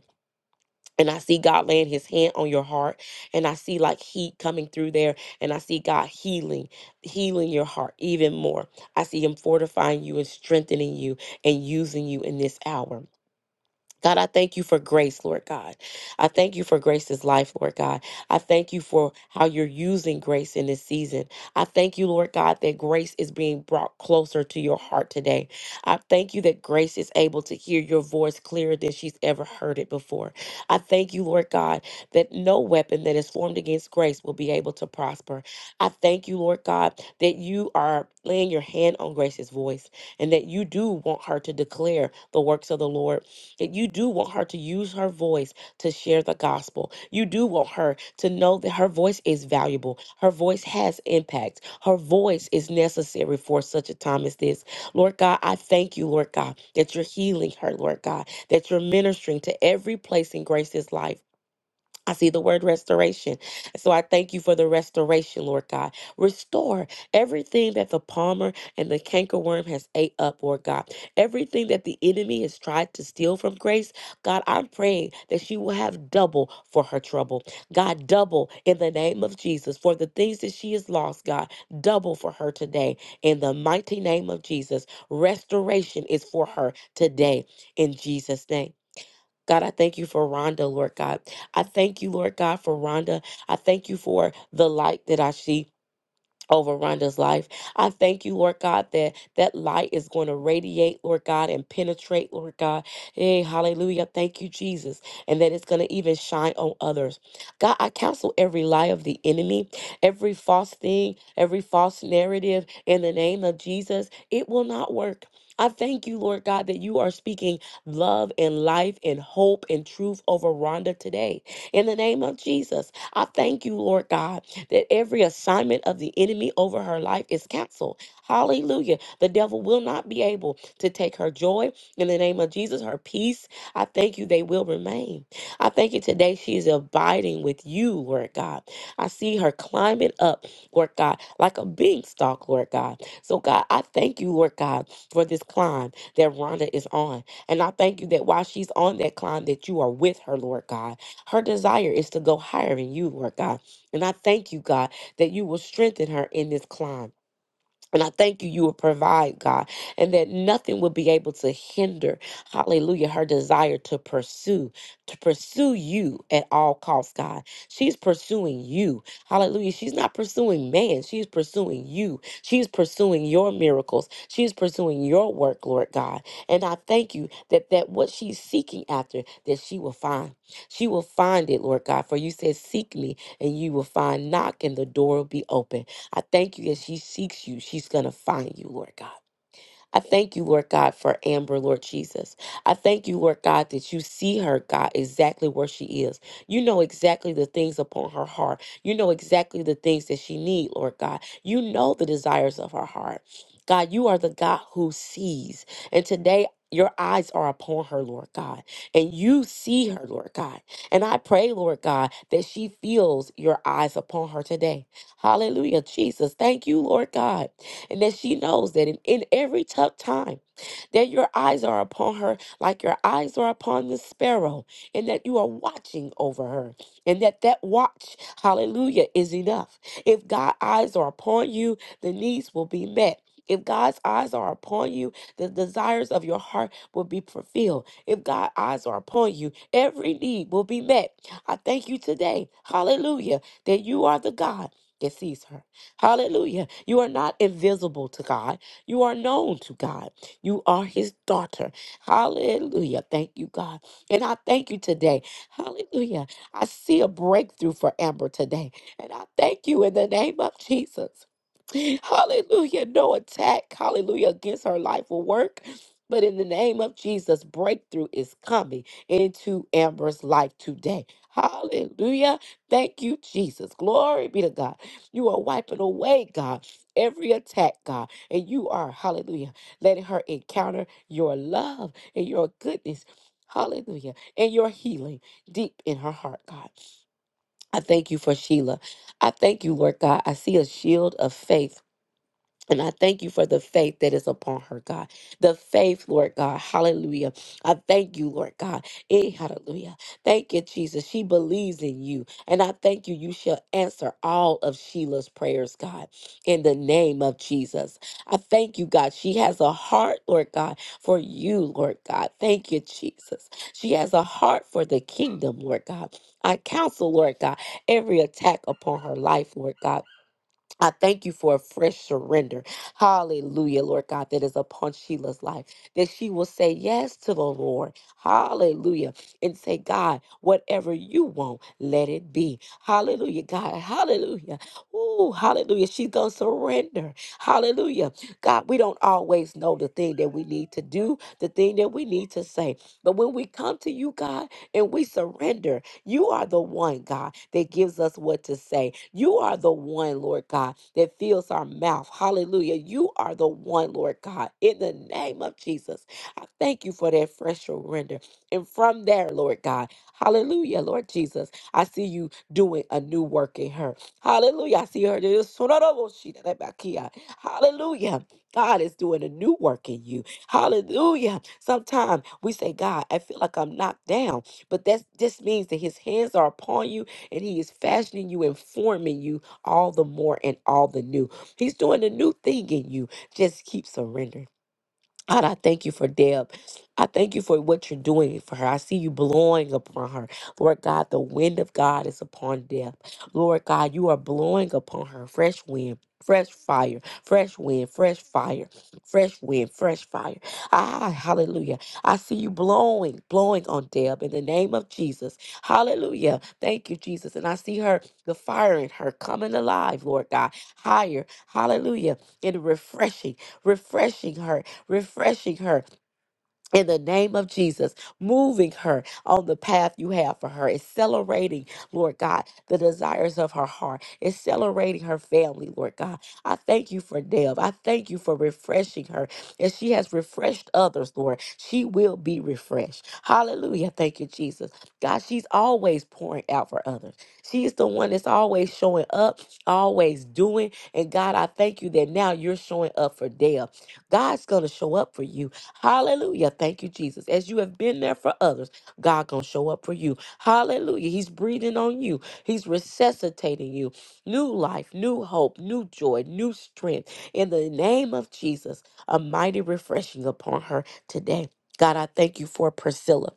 and I see God laying his hand on your heart and I see like heat coming through there and I see God healing healing your heart even more. I see him fortifying you and strengthening you and using you in this hour. God, I thank you for grace, Lord God. I thank you for Grace's life, Lord God. I thank you for how you're using grace in this season. I thank you, Lord God, that grace is being brought closer to your heart today. I thank you that grace is able to hear your voice clearer than she's ever heard it before. I thank you, Lord God, that no weapon that is formed against grace will be able to prosper. I thank you, Lord God, that you are laying your hand on Grace's voice and that you do want her to declare the works of the Lord that you do want her to use her voice to share the gospel. You do want her to know that her voice is valuable, her voice has impact, her voice is necessary for such a time as this. Lord God, I thank you, Lord God, that you're healing her, Lord God, that you're ministering to every place in Grace's life. I see the word restoration. So I thank you for the restoration, Lord God. Restore everything that the palmer and the cankerworm has ate up, Lord God. Everything that the enemy has tried to steal from grace, God, I'm praying that she will have double for her trouble. God, double in the name of Jesus for the things that she has lost, God, double for her today. In the mighty name of Jesus, restoration is for her today in Jesus' name. God, I thank you for Rhonda, Lord God. I thank you, Lord God, for Rhonda. I thank you for the light that I see over Rhonda's life. I thank you, Lord God, that that light is going to radiate, Lord God, and penetrate, Lord God. Hey, hallelujah. Thank you, Jesus. And that it's going to even shine on others. God, I counsel every lie of the enemy, every false thing, every false narrative in the name of Jesus. It will not work. I thank you, Lord God, that you are speaking love and life and hope and truth over Rhonda today. In the name of Jesus, I thank you, Lord God, that every assignment of the enemy over her life is canceled. Hallelujah. The devil will not be able to take her joy in the name of Jesus, her peace. I thank you, they will remain. I thank you today, she is abiding with you, Lord God. I see her climbing up, Lord God, like a beanstalk, Lord God. So, God, I thank you, Lord God, for this climb that Rhonda is on. And I thank you that while she's on that climb, that you are with her, Lord God. Her desire is to go higher in you, Lord God. And I thank you, God, that you will strengthen her in this climb. And I thank you, you will provide, God, and that nothing will be able to hinder, hallelujah, her desire to pursue, to pursue you at all costs, God. She's pursuing you, hallelujah. She's not pursuing man, she's pursuing you. She's pursuing your miracles, she's pursuing your work, Lord God. And I thank you that, that what she's seeking after, that she will find. She will find it, Lord God, for you said, Seek me, and you will find, knock, and the door will be open. I thank you as she seeks you, she's going to find you, Lord God. I thank you, Lord God, for Amber, Lord Jesus. I thank you, Lord God, that you see her, God, exactly where she is. You know exactly the things upon her heart. You know exactly the things that she need, Lord God. You know the desires of her heart. God, you are the God who sees. And today, your eyes are upon her, Lord God, and you see her, Lord God. And I pray, Lord God, that she feels your eyes upon her today. Hallelujah, Jesus. Thank you, Lord God and that she knows that in, in every tough time, that your eyes are upon her like your eyes are upon the sparrow, and that you are watching over her, and that that watch, hallelujah, is enough. If God's eyes are upon you, the needs will be met. If God's eyes are upon you, the desires of your heart will be fulfilled. If God's eyes are upon you, every need will be met. I thank you today, hallelujah, that you are the God that sees her. Hallelujah. You are not invisible to God. You are known to God. You are his daughter. Hallelujah. Thank you, God. And I thank you today. Hallelujah. I see a breakthrough for Amber today. And I thank you in the name of Jesus. Hallelujah. No attack, hallelujah, against her life will work. But in the name of Jesus, breakthrough is coming into Amber's life today. Hallelujah. Thank you, Jesus. Glory be to God. You are wiping away, God, every attack, God. And you are, hallelujah, letting her encounter your love and your goodness, hallelujah, and your healing deep in her heart, God. I thank you for Sheila. I thank you, Lord God. I see a shield of faith and I thank you for the faith that is upon her, God. The faith, Lord God. Hallelujah. I thank you, Lord God. Eh, hallelujah. Thank you, Jesus. She believes in you. And I thank you. You shall answer all of Sheila's prayers, God, in the name of Jesus. I thank you, God. She has a heart, Lord God, for you, Lord God. Thank you, Jesus. She has a heart for the kingdom, Lord God. I counsel, Lord God, every attack upon her life, Lord God. I thank you for a fresh surrender. Hallelujah, Lord God, that is upon Sheila's life, that she will say yes to the Lord. Hallelujah. And say, God, whatever you want, let it be. Hallelujah, God. Hallelujah. Ooh, hallelujah. She's going to surrender. Hallelujah. God, we don't always know the thing that we need to do, the thing that we need to say. But when we come to you, God, and we surrender, you are the one, God, that gives us what to say. You are the one, Lord God, that fills our mouth. Hallelujah. You are the one, Lord God, in the name of Jesus. I thank you for that fresh surrender. And from there, Lord God, hallelujah, Lord Jesus, I see you doing a new work in her. Hallelujah. I see her. Hallelujah. God is doing a new work in you. Hallelujah. Sometimes we say, God, I feel like I'm knocked down. But that just means that his hands are upon you and he is fashioning you and forming you all the more and all the new. He's doing a new thing in you. Just keep surrendering. God, I thank you for Deb. I thank you for what you're doing for her. I see you blowing upon her. Lord God, the wind of God is upon Deb. Lord God, you are blowing upon her fresh wind. Fresh fire, fresh wind, fresh fire, fresh wind, fresh fire. Ah, hallelujah. I see you blowing, blowing on Deb in the name of Jesus. Hallelujah. Thank you, Jesus. And I see her, the fire in her coming alive, Lord God, higher. Hallelujah. And refreshing, refreshing her refreshing her in the name of Jesus, moving her on the path you have for her, accelerating, Lord God, the desires of her heart, accelerating her family, Lord God. I thank you for Deb. I thank you for refreshing her. As she has refreshed others, Lord, she will be refreshed. Hallelujah. Thank you, Jesus. God, she's always pouring out for others. She is the one that's always showing up, always doing. And God, I thank you that now you're showing up for Deb. God's going to show up for you. Hallelujah. Thank you, Jesus. As you have been there for others, God gonna show up for you. Hallelujah. He's breathing on you. He's resuscitating you. New life, new hope, new joy, new strength. In the name of Jesus, a mighty refreshing upon her today. God, I thank you for Priscilla.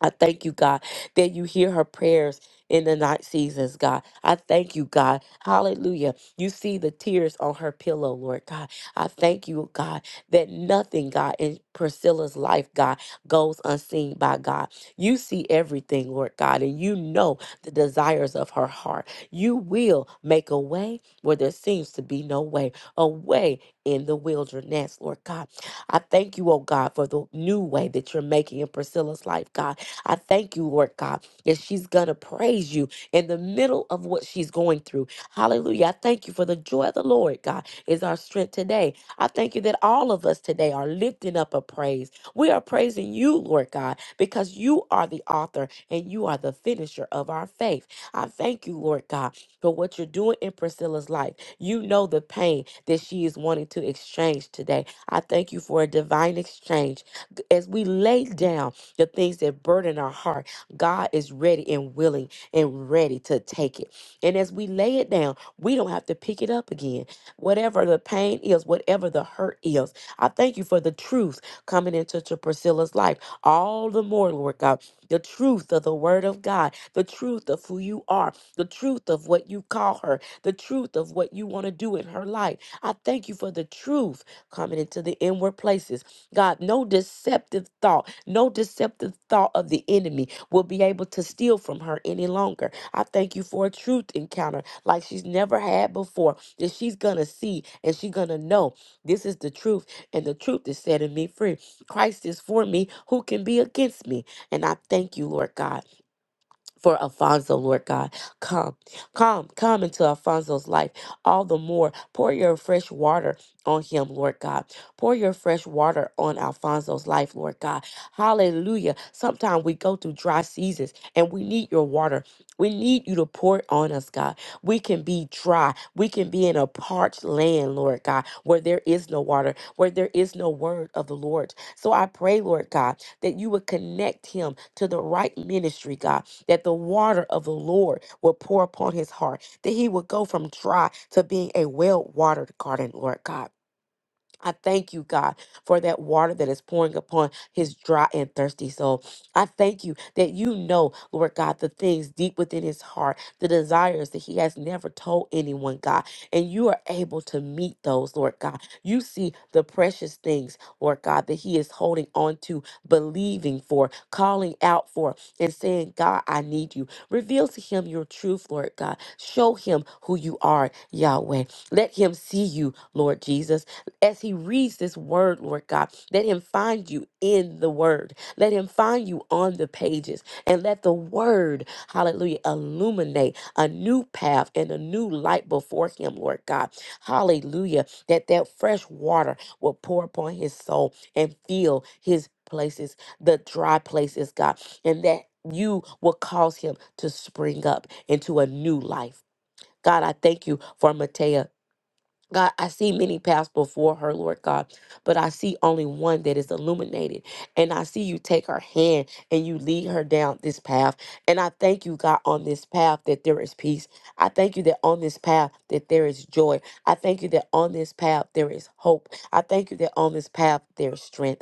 I thank you, God, that you hear her prayers in the night seasons, God. I thank you, God. Hallelujah. You see the tears on her pillow, Lord God. I thank you, God, that nothing, God, in Priscilla's life, God, goes unseen by God. You see everything, Lord God, and you know the desires of her heart. You will make a way where there seems to be no way, a way in the wilderness, Lord God. I thank you, oh God, for the new way that you're making in Priscilla's life, God. I thank you, Lord God, that she's going to praise you in the middle of what she's going through. Hallelujah. I thank you for the joy of the Lord, God, is our strength today. I thank you that all of us today are lifting up a praise. We are praising you, Lord God, because you are the author and you are the finisher of our faith. I thank you, Lord God, for what you're doing in Priscilla's life. You know the pain that she is wanting to exchange today. I thank you for a divine exchange. As we lay down, the things that burden our heart. God is ready and willing and ready to take it. And as we lay it down, we don't have to pick it up again. Whatever the pain is, whatever the hurt is, I thank you for the truth coming into to Priscilla's life. All the more, Lord God, the truth of the word of God, the truth of who you are, the truth of what you call her, the truth of what you want to do in her life. I thank you for the truth coming into the inward places God, no deceptive thought, no deceptive thought of the enemy will be able to steal from her any longer. I thank you for a truth encounter like she's never had before that she's going to see and she's going to know this is the truth and the truth is setting me free. Christ is for me. Who can be against me? And I thank you, Lord God for Alfonso, Lord God. Come, come, come into Alfonso's life all the more. Pour your fresh water on him, Lord God. Pour your fresh water on Alfonso's life, Lord God. Hallelujah. Sometimes we go through dry seasons and we need your water. We need you to pour it on us, God. We can be dry. We can be in a parched land, Lord God, where there is no water, where there is no word of the Lord. So I pray, Lord God, that you would connect him to the right ministry, God that the water of the Lord will pour upon his heart, that he would go from dry to being a well watered garden, Lord God. I thank you, God, for that water that is pouring upon his dry and thirsty soul. I thank you that you know, Lord God, the things deep within his heart, the desires that he has never told anyone, God. And you are able to meet those, Lord God. You see the precious things, Lord God, that he is holding on to, believing for, calling out for, and saying, God, I need you. Reveal to him your truth, Lord God. Show him who you are, Yahweh. Let him see you, Lord Jesus as he reads this word, Lord God. Let him find you in the word. Let him find you on the pages. And let the word, hallelujah, illuminate a new path and a new light before him, Lord God. Hallelujah. That that fresh water will pour upon his soul and fill his places, the dry places, God. And that you will cause him to spring up into a new life. God, I thank you for Matea God, I see many paths before her, Lord God, but I see only one that is illuminated. And I see you take her hand and you lead her down this path. And I thank you, God, on this path that there is peace. I thank you that on this path that there is joy. I thank you that on this path there is hope. I thank you that on this path there is strength.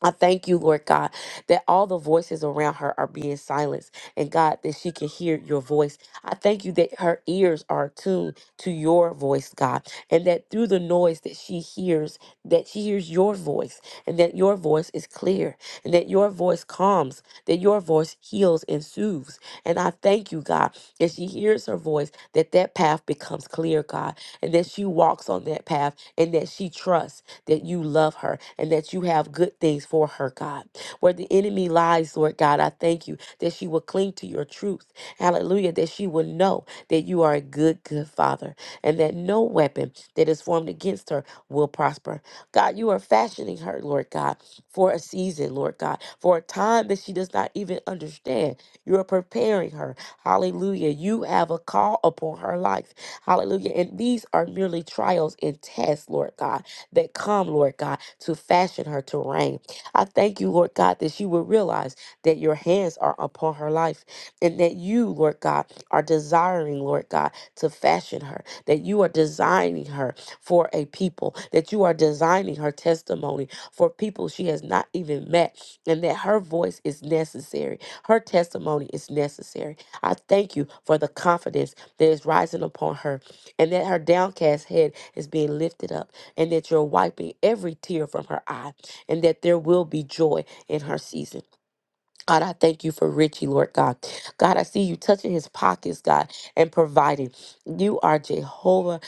I thank you, Lord God, that all the voices around her are being silenced, and God, that she can hear your voice. I thank you that her ears are attuned to your voice, God, and that through the noise that she hears, that she hears your voice, and that your voice is clear, and that your voice calms, that your voice heals and soothes. And I thank you, God, that she hears her voice, that that path becomes clear, God, and that she walks on that path, and that she trusts that you love her and that you have good things for her, God. Where the enemy lies, Lord God, I thank you that she will cling to your truth. Hallelujah. That she will know that you are a good, good father and that no weapon that is formed against her will prosper. God, you are fashioning her, Lord God, for a season, Lord God, for a time that she does not even understand. You are preparing her. Hallelujah. You have a call upon her life. Hallelujah. And these are merely trials and tests, Lord God that come, Lord God, to fashion her to reign. I thank you, Lord God, that she will realize that your hands are upon her life and that you, Lord God, are desiring, Lord God, to fashion her, that you are designing her for a people, that you are designing her testimony for people she has not even met, and that her voice is necessary. Her testimony is necessary. I thank you for the confidence that is rising upon her and that her downcast head is being lifted up and that you're wiping every tear from her eye, and that there will be joy in her season. God, I thank you for Richie, Lord God. God, I see you touching his pockets, God, and providing. You are Jehovah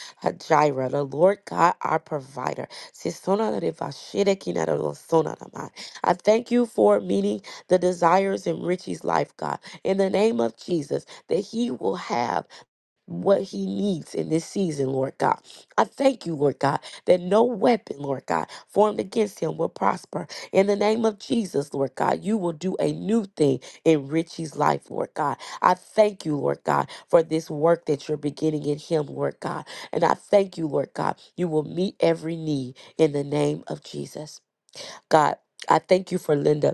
Jireh, the Lord God, our provider. I thank you for meeting the desires in Richie's life, God, in the name of Jesus, that he will have what he needs in this season, Lord God. I thank you, Lord God, that no weapon, Lord God, formed against him will prosper. In the name of Jesus, Lord God, you will do a new thing in Richie's life, Lord God. I thank you, Lord God, for this work that you're beginning in him, Lord God. And I thank you, Lord God, you will meet every need in the name of Jesus. God, I thank you for Linda.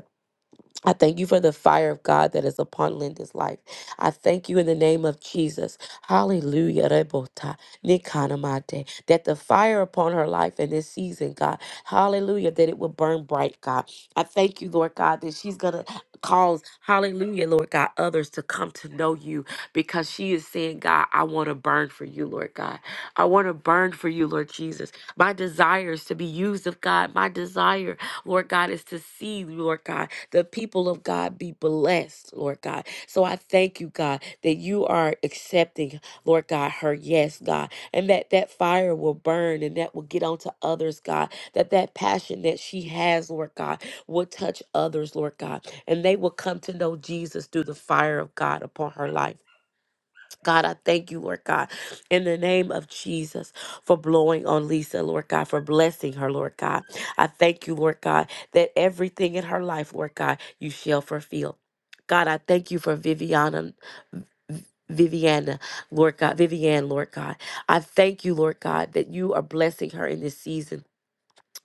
I thank you for the fire of God that is upon Linda's life. I thank you in the name of Jesus. Hallelujah. Rebota, nikanamate, That the fire upon her life in this season, God. Hallelujah. That it will burn bright, God. I thank you, Lord God, that she's going to cause, hallelujah, Lord God, others to come to know you because she is saying, God, I want to burn for you, Lord God. I want to burn for you, Lord Jesus. My desire is to be used of God. My desire, Lord God, is to see you, Lord God the people of God be blessed, Lord God. So I thank you, God, that you are accepting, Lord God, her yes, God, and that that fire will burn and that will get onto others, God, that that passion that she has, Lord God, will touch others, Lord God, and they will come to know Jesus through the fire of God upon her life. God, I thank you, Lord God, in the name of Jesus for blowing on Lisa, Lord God, for blessing her, Lord God. I thank you, Lord God, that everything in her life, Lord God, you shall fulfill. God, I thank you for Viviana. Viviana, Lord God, Vivian, Lord God. I thank you, Lord God, that you are blessing her in this season.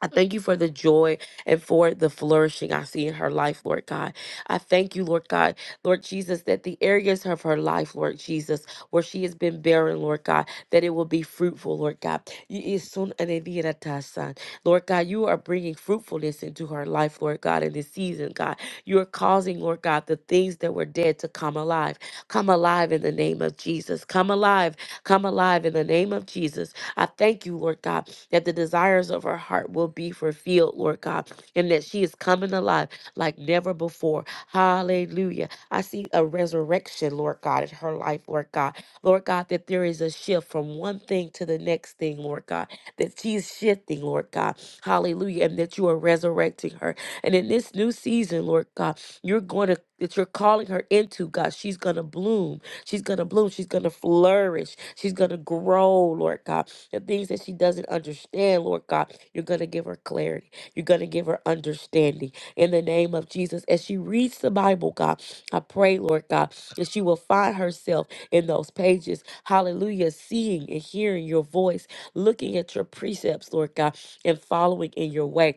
I thank you for the joy and for the flourishing I see in her life, Lord God. I thank you, Lord God, Lord Jesus, that the areas of her life, Lord Jesus, where she has been barren, Lord God, that it will be fruitful, Lord God. You is soon an idea to son. Lord God, you are bringing fruitfulness into her life, Lord God, in this season, God. You are causing, Lord God, the things that were dead to come alive. Come alive in the name of Jesus. Come alive. Come alive in the name of Jesus. I thank you, Lord God, that the desires of her heart will be fulfilled, Lord God, and that she is coming alive like never before. Hallelujah. I see a resurrection, Lord God, in her life, Lord God. Lord God, that there is a shift from one thing to the next thing, Lord God, that she's shifting, Lord God. Hallelujah. And that you are resurrecting her. And in this new season, Lord God, you're going to that you're calling her into god she's going to bloom she's going to bloom she's going to flourish she's going to grow lord god the things that she doesn't understand lord god you're going to give her clarity you're going to give her understanding in the name of jesus as she reads the bible god i pray lord god that she will find herself in those pages hallelujah seeing and hearing your voice looking at your precepts lord god and following in your way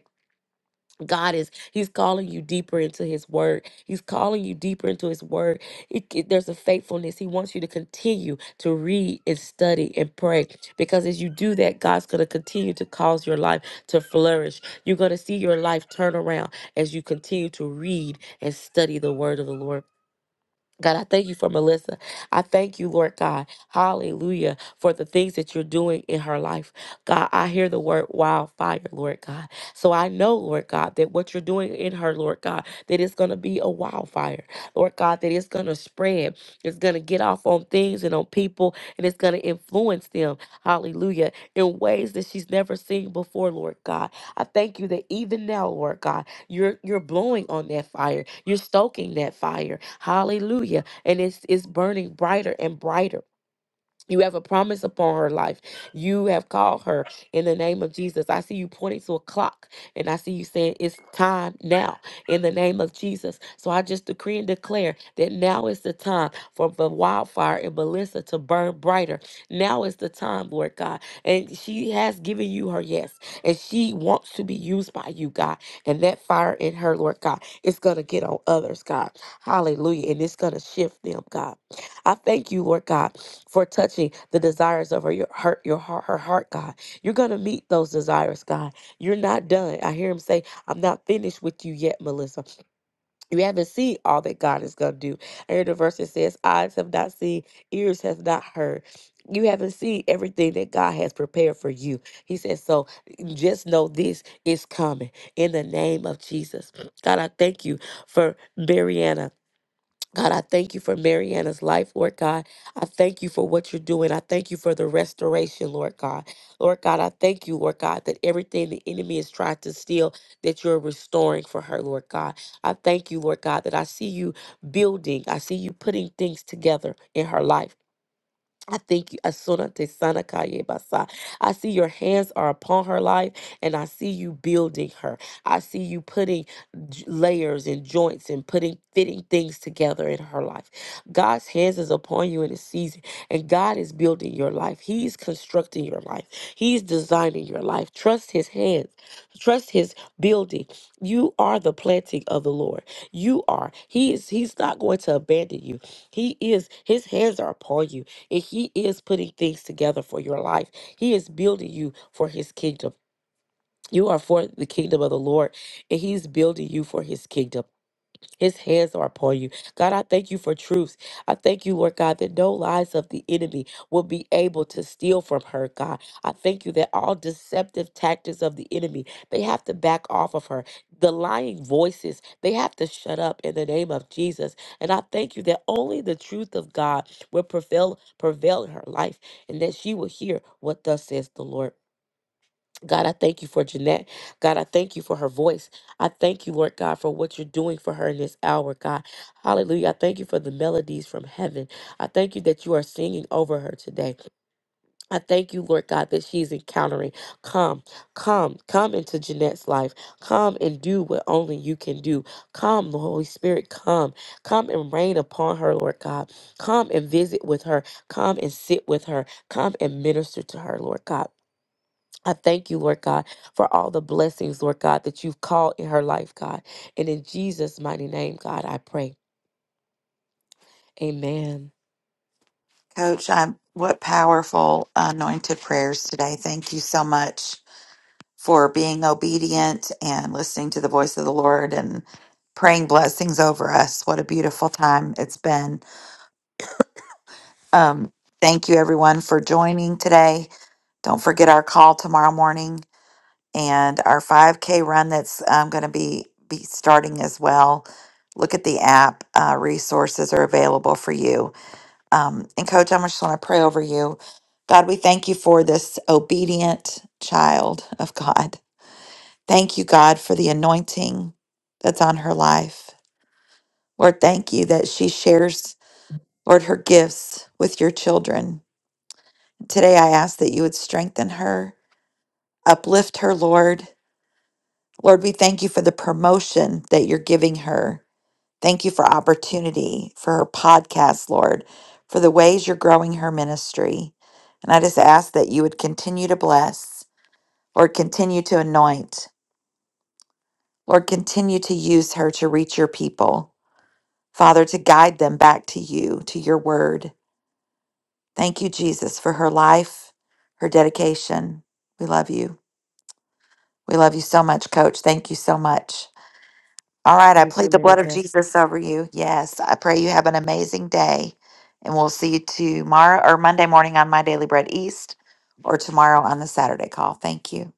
God is, He's calling you deeper into His Word. He's calling you deeper into His Word. It- it- there's a faithfulness. He wants you to continue to read and study and pray because as you do that, God's going to continue to cause your life to flourish. You're going to see your life turn around as you continue to read and study the Word of the Lord. God, I thank you for Melissa. I thank you, Lord God. Hallelujah. For the things that you're doing in her life. God, I hear the word wildfire, Lord God. So I know, Lord God, that what you're doing in her, Lord God, that it's going to be a wildfire. Lord God, that it's going to spread. It's going to get off on things and on people, and it's going to influence them. Hallelujah. In ways that she's never seen before, Lord God. I thank you that even now, Lord God, you're you're blowing on that fire. You're stoking that fire. Hallelujah. And it's it's burning brighter and brighter. You have a promise upon her life. You have called her in the name of Jesus. I see you pointing to a clock and I see you saying it's time now in the name of Jesus. So I just decree and declare that now is the time for the wildfire in Melissa to burn brighter. Now is the time, Lord God. And she has given you her yes and she wants to be used by you, God. And that fire in her, Lord God, is going to get on others, God. Hallelujah. And it's going to shift them, God. I thank you, Lord God, for touching the desires of her, your heart, your heart, her heart, God. You're gonna meet those desires, God. You're not done. I hear him say, I'm not finished with you yet, Melissa. You haven't seen all that God is gonna do. I hear the verse that says, Eyes have not seen, ears have not heard. You haven't seen everything that God has prepared for you. He says, So just know this is coming in the name of Jesus. God, I thank you for Mariana. God, I thank you for Mariana's life, Lord God. I thank you for what you're doing. I thank you for the restoration, Lord God. Lord God, I thank you, Lord God, that everything the enemy has tried to steal, that you're restoring for her, Lord God. I thank you, Lord God, that I see you building, I see you putting things together in her life. I thank you, Asuna Te Sana Kaye Basa. I see your hands are upon her life, and I see you building her. I see you putting j- layers and joints and putting fitting things together in her life. God's hands is upon you in this season, and God is building your life. He's constructing your life. He's designing your life. Trust His hands. Trust His building. You are the planting of the Lord. You are. He is. He's not going to abandon you. He is. His hands are upon you. And He is putting things together for your life. He is building you for His kingdom. You are for the kingdom of the Lord, and He's building you for His kingdom. His hands are upon you. God, I thank you for truth. I thank you, Lord God, that no lies of the enemy will be able to steal from her, God. I thank you that all deceptive tactics of the enemy, they have to back off of her. The lying voices, they have to shut up in the name of Jesus. And I thank you that only the truth of God will prevail, prevail in her life and that she will hear what thus says the Lord. God, I thank you for Jeanette. God, I thank you for her voice. I thank you, Lord God, for what you're doing for her in this hour, God. Hallelujah. I thank you for the melodies from heaven. I thank you that you are singing over her today. I thank you, Lord God, that she's encountering. Come, come, come into Jeanette's life. Come and do what only you can do. Come, the Holy Spirit, come. Come and reign upon her, Lord God. Come and visit with her. Come and sit with her. Come and minister to her, Lord God. I thank you, Lord God, for all the blessings, Lord God, that you've called in her life, God. And in Jesus' mighty name, God, I pray. Amen. Coach, I'm, what powerful anointed prayers today. Thank you so much. for being obedient and listening to the voice of the Lord and praying blessings over us. What a beautiful time it's been. Um, thank you, everyone, for joining today. Don't forget our call tomorrow morning and our 5K run that's um, going to be, be starting as well. Look at the app. Uh, resources are available for you. Um, and, Coach, I'm just want to pray over you. God, we thank you for this obedient child of God. Thank you, God, for the anointing that's on her life. Lord, thank you that she shares, Lord, her gifts with your children. Today, I ask that you would strengthen her, uplift her, Lord. Lord, we thank you for the promotion that you're giving her. Thank you for opportunity for her podcast, Lord, for the ways you're growing her ministry. And I just ask that you would continue to bless, Lord, continue to anoint, Lord, continue to use her to reach your people. Father, to guide them back to you, to your word. Thank you, Jesus, for her life, her dedication. We love you. We love you so much, Coach. Thank you so much. All right, I Thank you, plead the Mary blood of Beth. Jesus over you. Yes, I pray you have an amazing day. And we'll see you tomorrow or Monday morning on My Daily Bread East or tomorrow on the Saturday call. Thank you.